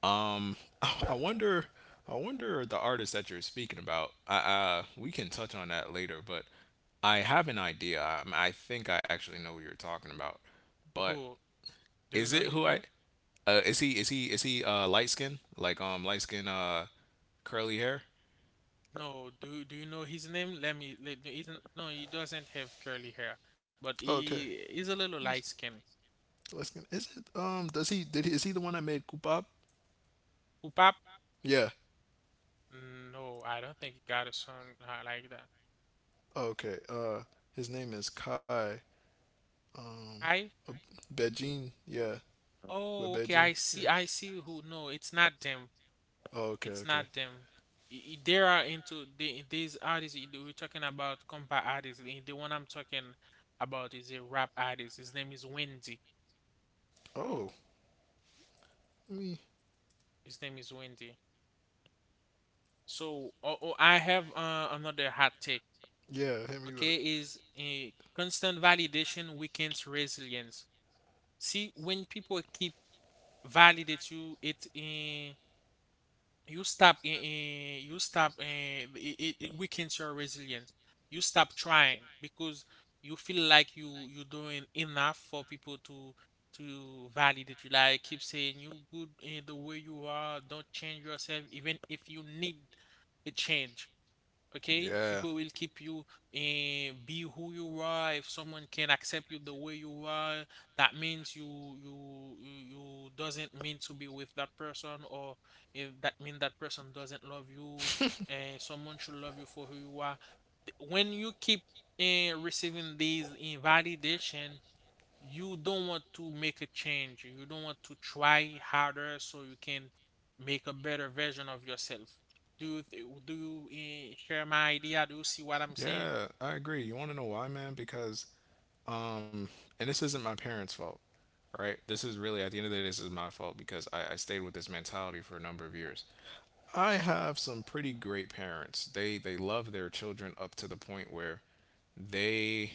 A: Um, I wonder, I wonder the artist that you're speaking about. We can touch on that later, but I have an idea. I think I actually know who you're talking about. But
B: Who? Do you
A: is
B: know
A: it
B: his
A: who I?
B: name?
A: Is he? Light skin? Like light skin? Curly hair?
B: No, do do you know his name? Let me isn't, no, he doesn't have curly hair, but
A: Okay.
B: he is a little
A: Miss-
B: light skin.
A: Let's get, is it does he did he is he the one that made Kupap?
B: Upap?
A: Yeah.
B: No, I don't think he got a son like that.
A: Okay. His name is Kai
B: I.
A: Bejin. Yeah. With
B: Oh, okay,
A: Beijing?
B: I
A: Yeah.
B: see. I see who. No, it's not them.
A: Oh, okay,
B: It's
A: okay.
B: not them. They are into the these artists you we're talking about, compa artists. The one I'm talking about is a rap artist. His name is Wendy.
A: Oh, me.
B: His name is Wendy. So oh, oh, I have another hot take.
A: Yeah, hit me with it.
B: Okay, is a constant validation weakens resilience. See, when people keep validate you, it you stop in you stop, it, it weakens your resilience. You stop trying because you feel like you're doing enough for people to validate you, like keep saying you good in the way you are, don't change yourself even if you need a change. Okay,
A: Yeah,
B: people will keep you and be who you are. If someone can accept you the way you are, that means you you doesn't mean to be with that person, or if that mean that person doesn't love you. And someone should love you for who you are. When you keep receiving these validation, you don't want to make a change. You don't want to try harder so you can make a better version of yourself. Do you do you share my idea? Do you see what I'm saying?
A: yeah, I agree. You want to know why, man? Because, um, and this isn't my parents' fault, right? This is really, at the end of the day, this is my fault because I stayed with this mentality for a number of years. I have some pretty great parents. They love their children up to the point where they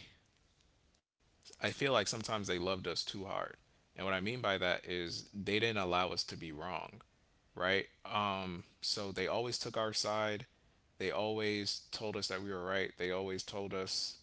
A: I feel like sometimes they loved us too hard. And what I mean by that is they didn't allow us to be wrong, right? So they always took our side. They always told us that we were right. They always told us,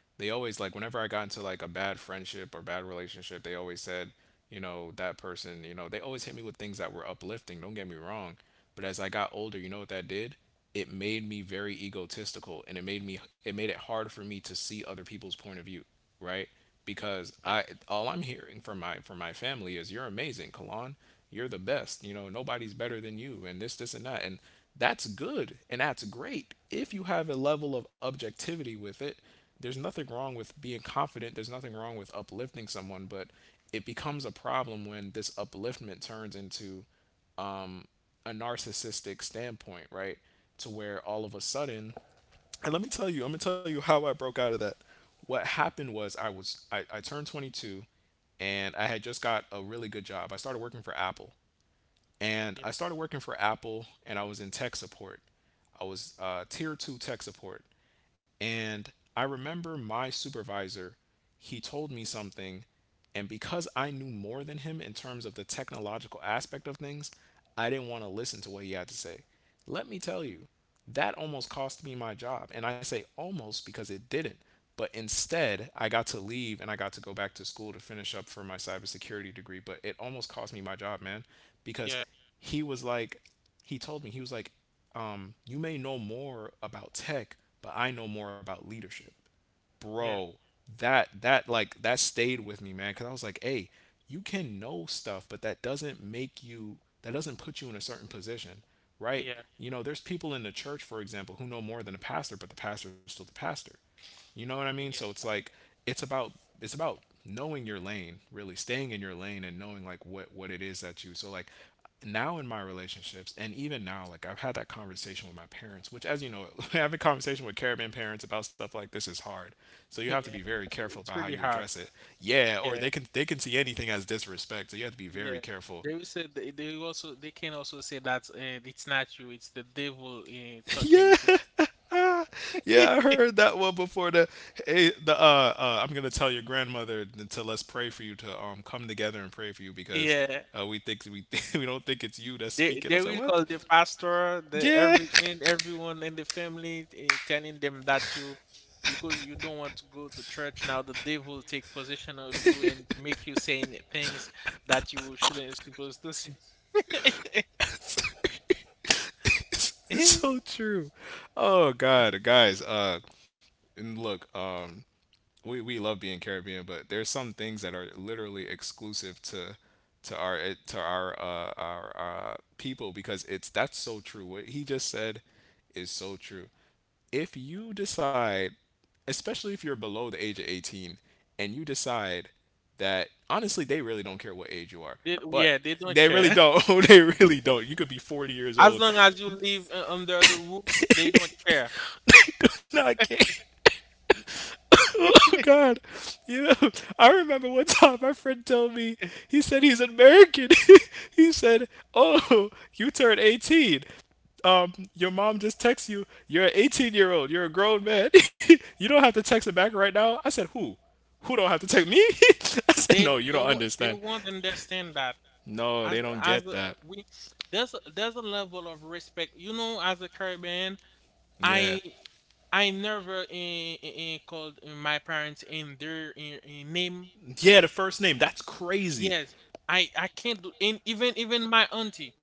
A: they always, like, whenever I got into like a bad friendship or bad relationship, they always said, that person, they always hit me with things that were uplifting. Don't get me wrong. But as I got older, you know what that did? It made me very egotistical and it made it hard for me to see other people's point of view right? Because I all I'm hearing from my family is you're amazing, Kalon. You're the best. You know, nobody's better than you and this and that. And that's good and that's great if you have a level of objectivity with it. There's nothing wrong with being confident. There's nothing wrong with uplifting someone, but it becomes a problem when this upliftment turns into um, a narcissistic standpoint, right? To where all of a sudden and let me tell you, I'm gonna tell you how I broke out of that. What happened was I turned 22, and I had just got a really good job. I started working for Apple,
B: Yeah,
A: and I was in tech support. I was tier two tech support, and I remember my supervisor, he told me something. And because I knew more than him in terms of the technological aspect of things, I didn't want to listen to what he had to say. Let me tell you, that almost cost me my job. And I say almost because it didn't. But instead, I got to leave and I got to go back to school to finish up for my cybersecurity degree. But it almost cost me my job, man, because
B: yeah,
A: he was like, he told me, he was like, you may know more about tech, but I know more about leadership.
B: yeah, yeah,
A: Bro, that like that stayed with me, man, cuz I was like, "Hey, you can know stuff, but that doesn't make you that doesn't put you in a certain position, right?
B: yeah,
A: You know, there's people in the church, for example, who know more than a pastor, but the pastor is still the pastor. You know what I mean? So
B: yeah,
A: it's about it's about knowing your lane, really staying in your lane and knowing like what it is that you. So like now in my relationships and even now like I've had that conversation with my parents which as you know having conversation with Caribbean parents about stuff like this is hard so you
B: yeah.
A: have to be very careful about
B: It's
A: how
B: really
A: you
B: hard.
A: address it yeah or they
B: Yeah,
A: can they can see anything as disrespect so you have to be
B: yeah.
A: very careful
B: They will say they will also they can also say that it's not you, it's the devil talking
A: yeah
B: to.
A: ah, yeah I heard that one before the hey the I'm gonna tell your grandmother to let's pray for you to come together and pray for you because
B: Yeah.
A: we think we we don't think it's you that's speaking. I
B: They
A: said,
B: will
A: "What?
B: call the pastor, the
A: Yeah,
B: everything, everyone in the family, telling them that you, because you don't want to go to church now, the devil will take possession of you and make you saying things that you shouldn't supposed to say.
A: it's so true. Oh God, guys. And look. We love being Caribbean, but there's some things that are literally exclusive to our it- to our people because it's that's so true. What he just said is so true. If you decide, especially if you're below the age of 18, and you decide that honestly they really don't care what age you are,
B: They,
A: but
B: yeah, they don't
A: they really
B: care.
A: don't. They really don't. You could be 40 years
B: As
A: old.
B: long as you live under the roof, they don't care.
A: No, I can't. Oh God! You know, I remember one time my friend told me he said he's American. He said, "Oh, you turned 18. Your mom just texts you. You're an 18-year-old. You're a grown man." You don't have to text her back right now." I said, "Who? Who don't have to text me?" I said, "No, you don't
B: They
A: understand.
B: won't understand that.
A: No, they don't
B: As
A: get that.
B: we there's a level of respect. You know, as a Caribbean,
A: Yeah,
B: I never called my parents in their name.
A: yeah. The first name. That's crazy.
B: Yes, I can't do, and even even my auntie.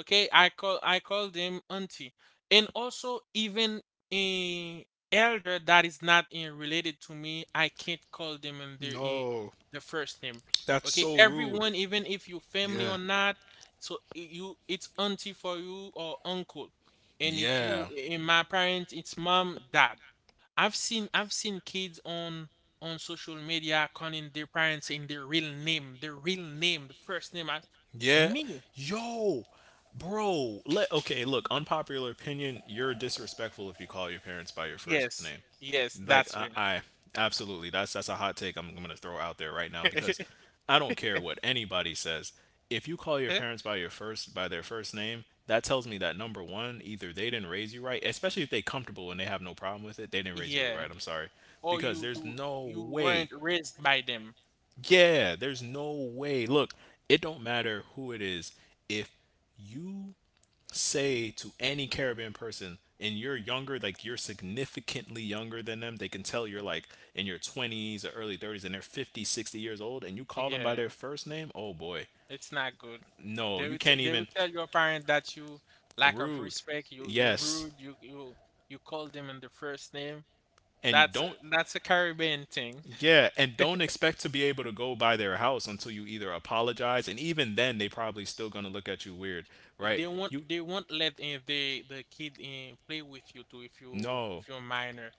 B: Okay, I call them auntie, and also even a elder that is not related to me. I can't call them in their
A: No,
B: the first name.
A: that's
B: Okay,
A: so rude.
B: everyone, even if you family or
A: Yeah,
B: not, so you it's auntie for you or uncle, and if you
A: yeah."
B: in my parents, it's mom, dad. I've seen kids on social media calling their parents in their real name, the first name. I,
A: Yeah.
B: me?
A: Yo, bro. Let okay, look, unpopular opinion, you're disrespectful if you call your parents by your first name.
B: Yes, yes,
A: Like I,
B: that's
A: I absolutely. That's a hot take I'm going to throw out there right now because
B: it.
A: I don't care what anybody says. If you call your parents by your first by their first name, that tells me that number 1, either they didn't raise you right, especially if they comfortable and they have no problem with it, they didn't raise you right.
B: Yeah.
A: I'm sorry.
B: Or
A: Because
B: you
A: there's
B: you
A: no
B: you
A: way
B: weren't raised by them.
A: yeah, there's no way. Look, it don't matter who it is. If you say to any Caribbean person and you're younger, like you're significantly younger than them, they can tell you're
B: Mhm.
A: like in your 20s or early 30s and they're 50, 60 years old and you call them by
B: Yeah,
A: their first name, oh boy.
B: it's not good.
A: No,
B: They
A: you
B: would
A: can't
B: they would
A: even
B: tell your parent that you lack of
A: rude.
B: respect, you
A: Yes.
B: rude, you you call them in the first name.
A: And don't
B: That's a Caribbean thing.
A: yeah, and don't expect to be able to go by their house until you either apologize and even then they probably still going to look at you weird, right? You
B: They won't let in the kid in play with you too if you
A: no.
B: if you're minor.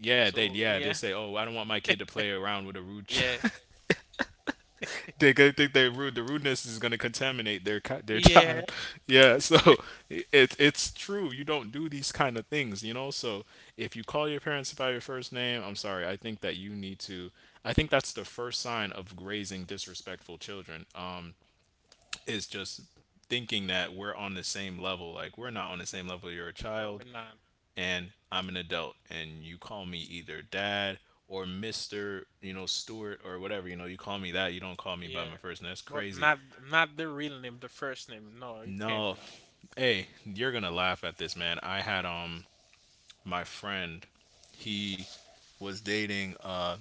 B: So
A: Yeah, they
B: yeah,
A: say, "Oh, I don't want my kid to play around with a rude
B: yeah,
A: child." They could think they rude. The rudeness is going to contaminate their their
B: yeah.
A: child. Yeah, so it's true. You don't do these kind of things, you know? So if you call your parents by your first name, I'm sorry. I think that you need to I think that's the first sign of raising disrespectful children. Is just thinking that we're on the same level. Like we're not on the same level. You're a
B: No,
A: child.
B: we're not.
A: And I'm an adult and you call me either dad or Mr. you know Stewart or whatever you know you call me that you don't call me by
B: Yeah,
A: my first name that's
B: but
A: crazy
B: not not the real name, the first name. No, you can't do
A: no
B: it.
A: hey you're gonna laugh at this man I had my friend he was dating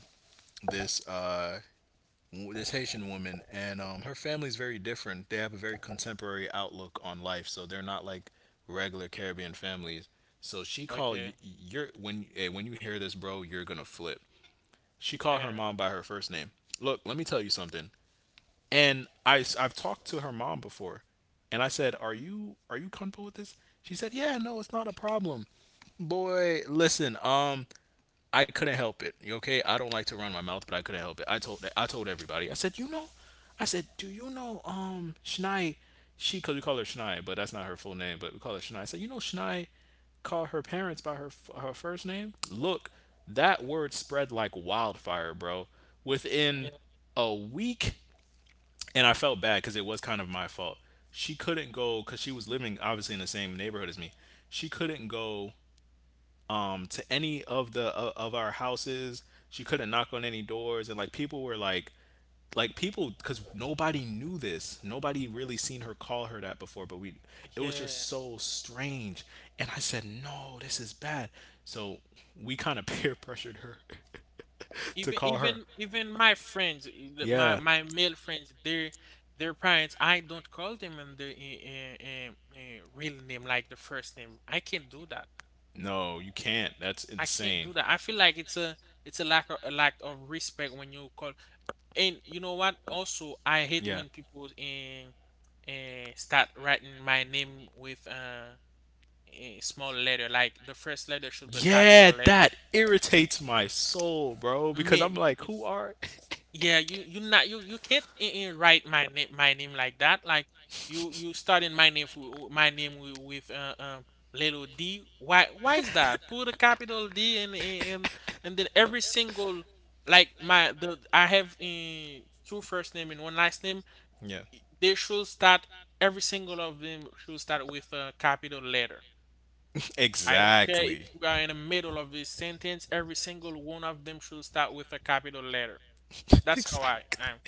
A: this this Haitian woman and her family's very different they have a very contemporary outlook on life so they're not like regular Caribbean families so she called
B: Okay.
A: you're when hey, when you hear this bro you're gonna flip. She called her
B: Yeah.
A: mom by her first name. Look, let me tell you something. And I have talked to her mom before, and I said, "Are you comfortable with this?" She said, "Yeah, no, it's not a problem." Boy, listen. I couldn't help it. You okay? I don't like to run my mouth, but I couldn't help it. I told everybody. I said, you know, I said, do you know, Shnai? She, cause we call her Shnai, but that's not her full name, but we call her Shnai. I said, you know, Shnai called her parents by her her first name. Look, that word spread like wildfire, bro. Within
B: Yeah.
A: a week, and I felt bad because it was kind of my fault. She couldn't go because she was living obviously in the same neighborhood as me. She couldn't go to any of the of our houses. She couldn't knock on any doors, and like people were like people because nobody knew this nobody really seen her call her that before but we it was
B: Yeah.
A: just so strange and I said no this is bad so we kind of peer pressured her to
B: Even
A: call her
B: even even my friends, my
A: yeah
B: my male friends, their parents, I don't call them in the in real name like the first name. I can't do that.
A: no you can't that's
B: I can't
A: insane
B: do that. I feel like it's a lack of respect when you call. And you know what? Also, I hate
A: yeah
B: when people in start writing my name with a small letter. Like the first letter should be a capital
A: yeah
B: letter.
A: that irritates my soul bro
B: I
A: because I'm
B: mean,
A: like who are
B: yeah, you not you can't write my name like that. Like you starting my name for my name with little d. Why is that? Put a capital D, and then every single like my the I have two first name and one last name.
A: yeah
B: They should start every single of them should start with a capital letter. I don't care if
A: exactly
B: we are in the middle of this sentence. Every single one of them should start with a capital letter. That's how I
A: exactly.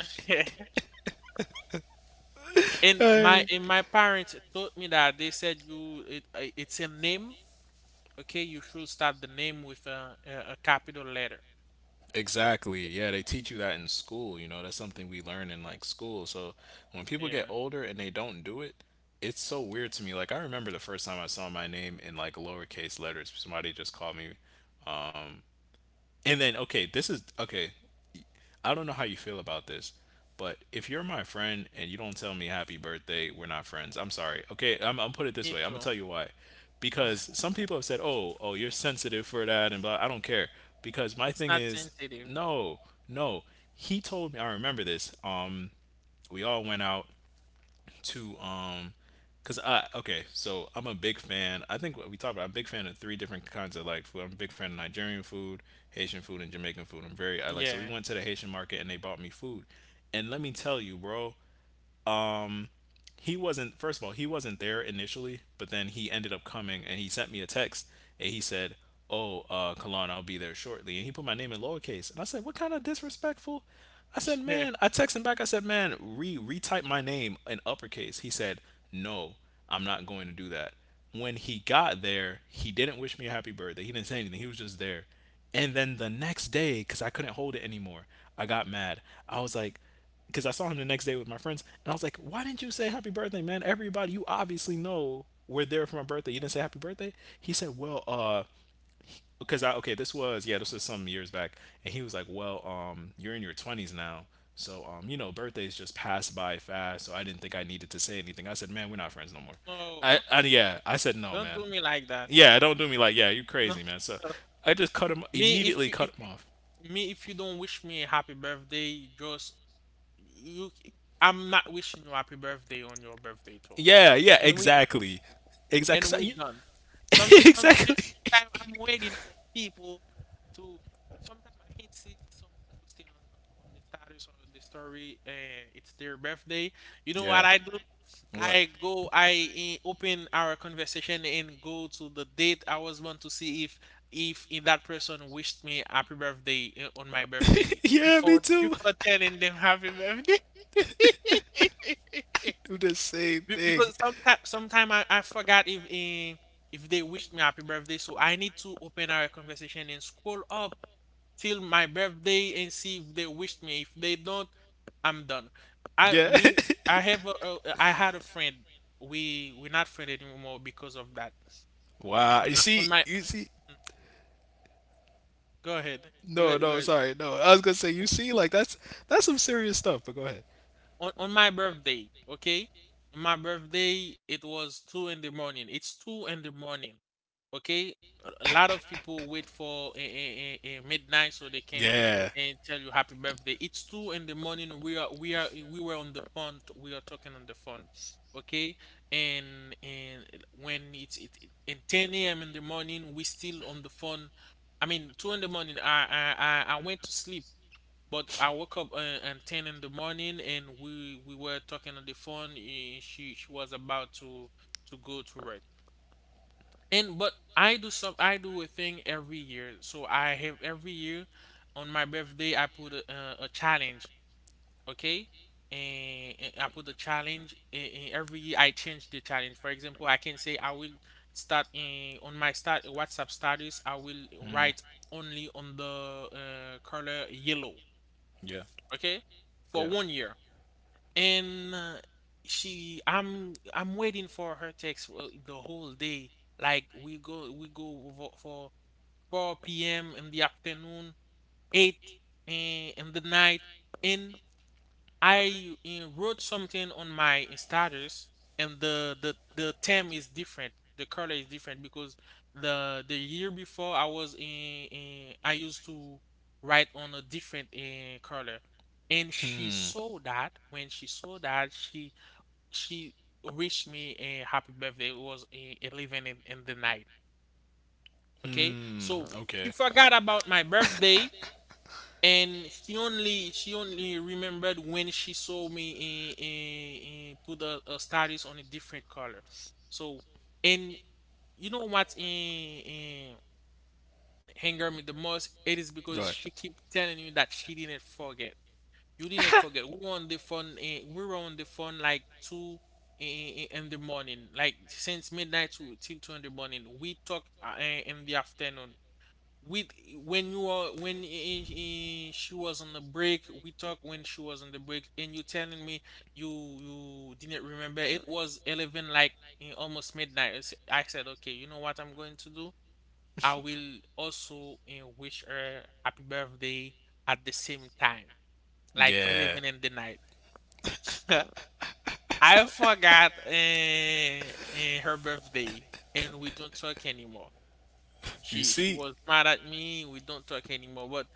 B: am.
A: Hey.
B: And my parents taught me that, they said you it's a name, okay? You should start the name with a capital letter.
A: Exactly.
B: Y-
A: Yeah, they teach you that in school. You know, that's something we learn in like school. So when people get
B: Yeah,
A: older and they don't do it, it's so weird to me. Like I remember the first time I saw my name in like lowercase letters. Somebody just called me, and then okay, this is okay. I don't know how you feel about this, but if you're my friend and you don't tell me happy birthday, we're not friends. I'm sorry. Okay, I'm put it this
B: me
A: way. I'm gonna
B: too.
A: tell you why. Because some people have said, "Oh, oh, you're sensitive for that," and blah. I don't care. Because my
B: It's
A: thing
B: not
A: is,
B: sensitive.
A: no, no. He told me. I remember this. We all went out to because I okay so I'm a big fan I think what we talked about I'm a big fan of three different kinds of like food I'm a big fan of nigerian food haitian food and jamaican food I'm very I like so we
B: Yeah,
A: went to the haitian market and they bought me food and let me tell you bro he wasn't first of all he wasn't there initially but then he ended up coming and he sent me a text and he said oh kalan I'll be there shortly and he put my name in lowercase and I said what kind of disrespectful I said
B: yeah.
A: man I texted him back I said man re retype my name in uppercase he said no I'm not going to do that when he got there he didn't wish me a happy birthday he didn't say anything he was just there and then the next day because I couldn't hold it anymore I got mad I was like because I saw him the next day with my friends, and I was like, "Why didn't you say happy birthday, man? Everybody, you obviously know we're there for my birthday. You didn't say happy birthday." He said, "Well, because I okay, this was yeah, this was some years back, and he was like, "Well, you're in your twenties now." So you know, birthdays just pass by fast. So I didn't think I needed to say anything. I said, "Man, we're not friends no more."
B: No,
A: I, I yeah, I said no,
B: don't
A: man.
B: do me like that.
A: Yeah, don't do me like yeah, you are
B: No,
A: crazy, man. So
B: no.
A: I just cut him
B: Me if
A: immediately,
B: you
A: cut him off.
B: me if you don't wish me a happy birthday, just you. I'm not wishing you happy birthday on your birthday too.
A: Yeah, yeah,
B: And we
A: exactly,
B: and we're
A: exactly.
B: done.
A: Exactly.
B: Sometime I'm waiting for people to. Sometimes I can see someone posting on the status or the story, uh, it's their birthday. You know what
A: Yeah.
B: I do?
A: What?
B: I go, I open our conversation and go to the date I was want to see if in that person wished me happy birthday on my birthday
A: Yeah, me
B: before
A: too.
B: before telling them happy birthday.
A: Do the same thing.
B: Because sometime sometime I forgot if if they wished me happy birthday, so I need to open our conversation and scroll up till my birthday and see if they wished me. If they don't, I'm done. I
A: Yeah.
B: me I have a I had a friend. We're not friend anymore because of that.
A: Wow. You see,
B: On my
A: you see.
B: mm-hmm. Go ahead.
A: No, no, sorry, no. I was gonna say, you see, like that's some serious stuff. But go ahead.
B: On my birthday, okay? On my birthday, it was two in the morning. It's two in the morning, okay? A lot of people wait for midnight so they can
A: Yeah.
B: and tell you happy birthday. It's two in the morning. We were on the phone. We are talking on the phone, okay? And when it in ten a.m. in the morning, we still on the phone. I mean, two in the morning. I went to sleep, but I woke up at 10 in the morning, and we were talking on the phone, and she was about to go to work. And but I do a thing every year. So I have every year on my birthday I put a challenge, okay? And I put a challenge and every year I change the challenge. For example, I can say I will start in on my start WhatsApp status I will write only on the color yellow,
A: Yeah.
B: okay, for
A: Yeah.
B: 1 year, and she, I'm waiting for her text the whole day. Like we go for 4 p.m. in the afternoon, 8 in the night, and I wrote something on my status, and the theme is different. The color is different because the year before I was in I used to write on a different color, and she
A: Hmm.
B: saw that. When she saw that, she wished me a happy birthday. It was 11 in the night. Okay,
A: Hmm.
B: so oh, she
A: Okay.
B: forgot about my birthday, and she only remembered when she saw me put a status on a different color. So and you know what in anger me the most it is because she keep telling you that she didn't forget, you didn't forget, we were on the phone, we were on the phone like two in the morning like since midnight to till two in the morning we talk in the afternoon with when you are she was on the break, we talked when she was on the break, and you telling me you didn't remember it was 11, like almost midnight. I I said okay, you know what I'm going to do, I will also wish her happy birthday at the same time like
A: Yeah.
B: 11 in the night. I forgot her birthday, and we don't talk anymore.
A: You
B: She
A: see.
B: was mad at me, we don't talk anymore. But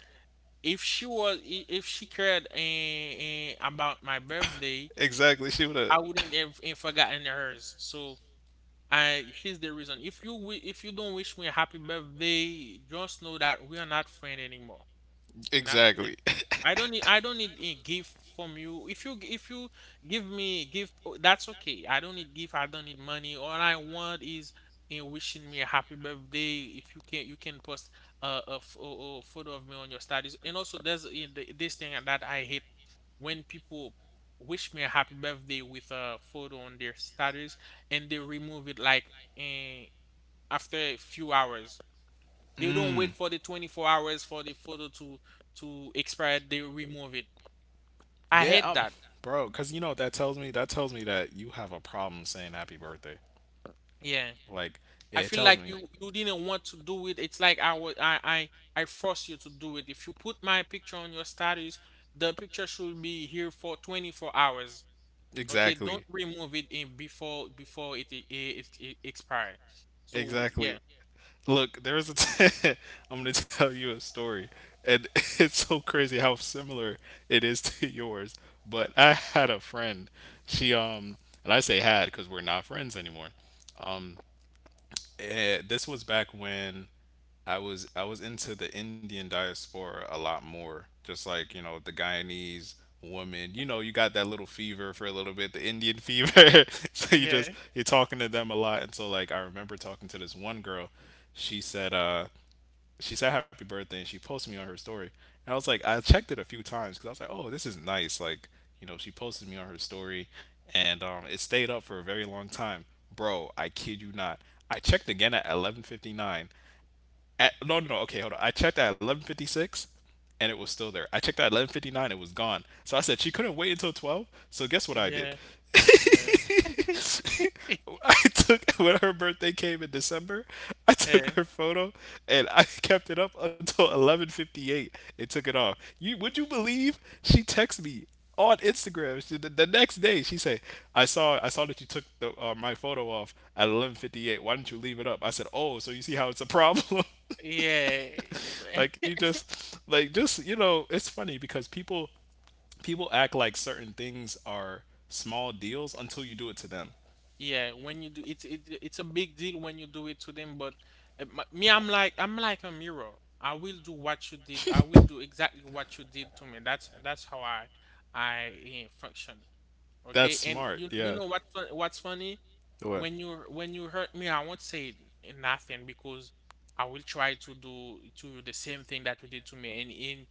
B: if she was if she cared about my birthday,
A: Exactly. She would have.
B: I wouldn't have forgotten hers. So I here's the reason. If you if you don't wish me a happy birthday, just know that we are not friends anymore. We're not
A: Exactly.
B: friendly. I don't need a gift from you. If you if you give me a gift, oh, that's okay. I don't need gift. I don't need money. All I want is you wishing me a happy birthday. If you can you can post a photo of me on your status. And also there's this thing that I hate when people wish me a happy birthday with a photo on their status, and they remove it, like eh, after a few hours. They don't wait
A: Hmm.
B: for the 24 hours for the photo to expire. They remove it. I
A: Yeah.
B: hate that.
A: Bro, cause you know what that tells me. That tells me that you have a problem saying happy birthday.
B: Yeah.
A: Like
B: I
A: it
B: feel
A: tells
B: like
A: me
B: you didn't want to do it. It's like I was I force you to do it. If you put my picture on your status, the picture should be here for 24 hours. Okay, don't
A: exactly.
B: remove it in before it it, it expire. So
A: Exactly.
B: yeah,
A: Look, there was a. I'm gonna tell you a story, and it's so crazy how similar it is to yours. But I had a friend. She and I say had because we're not friends anymore. Um, this was back when I was into the Indian diaspora a lot more. Just like you know the Guyanese woman, you know you got that little fever for a little bit, the Indian fever. So you just
B: yeah,
A: you're talking to them a lot, and so like I remember talking to this one girl. She said, uh, she said happy birthday and she posted me on her story. And I was like, I checked it a few times because I was like, oh, this is nice. Like, you know, she posted me on her story and it stayed up for a very long time. Bro, I kid you not. I checked again at 11:59 at, no, no, no. Okay, hold on. I checked at 11:56, and it was still there. I checked at 11:59, it was gone. So I said she couldn't wait until 12. So guess what I did?
B: yeah, yeah.
A: I took when her birthday came in December, I took
B: yeah,
A: her photo and I kept it up until 11:58. It took it off. You would you believe she texted me on Instagram. She, the next day, she said, "I saw that you took the, my photo off at 11:58. Why didn't you leave it up?" I said, "Oh, so you see how it's a problem."
B: yeah.
A: Like you just like just you know it's funny because people people act like certain things are small deals until you do it to them
B: Yeah, when you do it's it it's a big deal when you do it to them, but me, I'm like a mirror. I will do what you did. I will do exactly what you did to me. That's how I function.
A: that's
B: Okay, and
A: smart
B: you
A: yeah
B: know what what's funny?
A: what
B: When you hurt me, I won't say nothing because I will try to do to you the same thing that you did to me. And in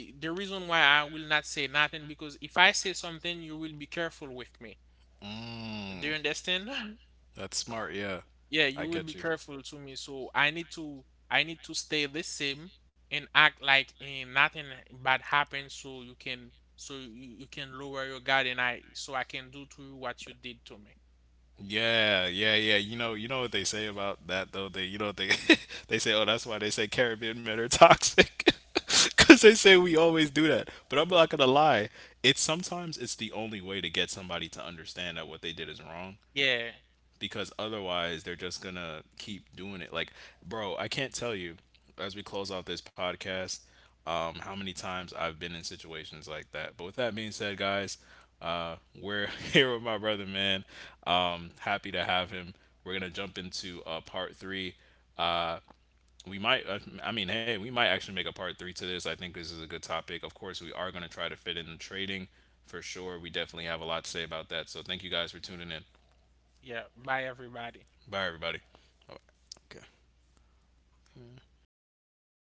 B: i- the reason why I will not say nothing because if I say something, you will be careful with me. Do you
A: mm,
B: understand?
A: that's smart yeah
B: Yeah,
A: I
B: you will be
A: get you.
B: careful to me. So I need to stay the same and act like nothing bad happened, so you can so you can lower your guard and I so I can do to you what you did to me.
A: Yeah, yeah, yeah. You know what they say about that though. They, you know, what they they say, oh, that's why they say Caribbean men are toxic, because they say we always do that. But I'm not gonna lie. It's sometimes it's the only way to get somebody to understand that what they did is wrong
B: Yeah,
A: because otherwise they're just gonna keep doing it. Like, bro, I can't tell you as we close out this podcast how many times I've been in situations like that. But with that being said, guys, we're here with my brother, man. Happy to have him. We're gonna jump into part three. Uh, we might, I mean, hey, we might actually make a part three to this. I think this is a good topic. Of course, we are gonna try to fit in the trading for sure. We definitely have a lot to say about that. So thank you guys for tuning in.
B: yeah. Bye everybody.
A: Bye, everybody. Okay.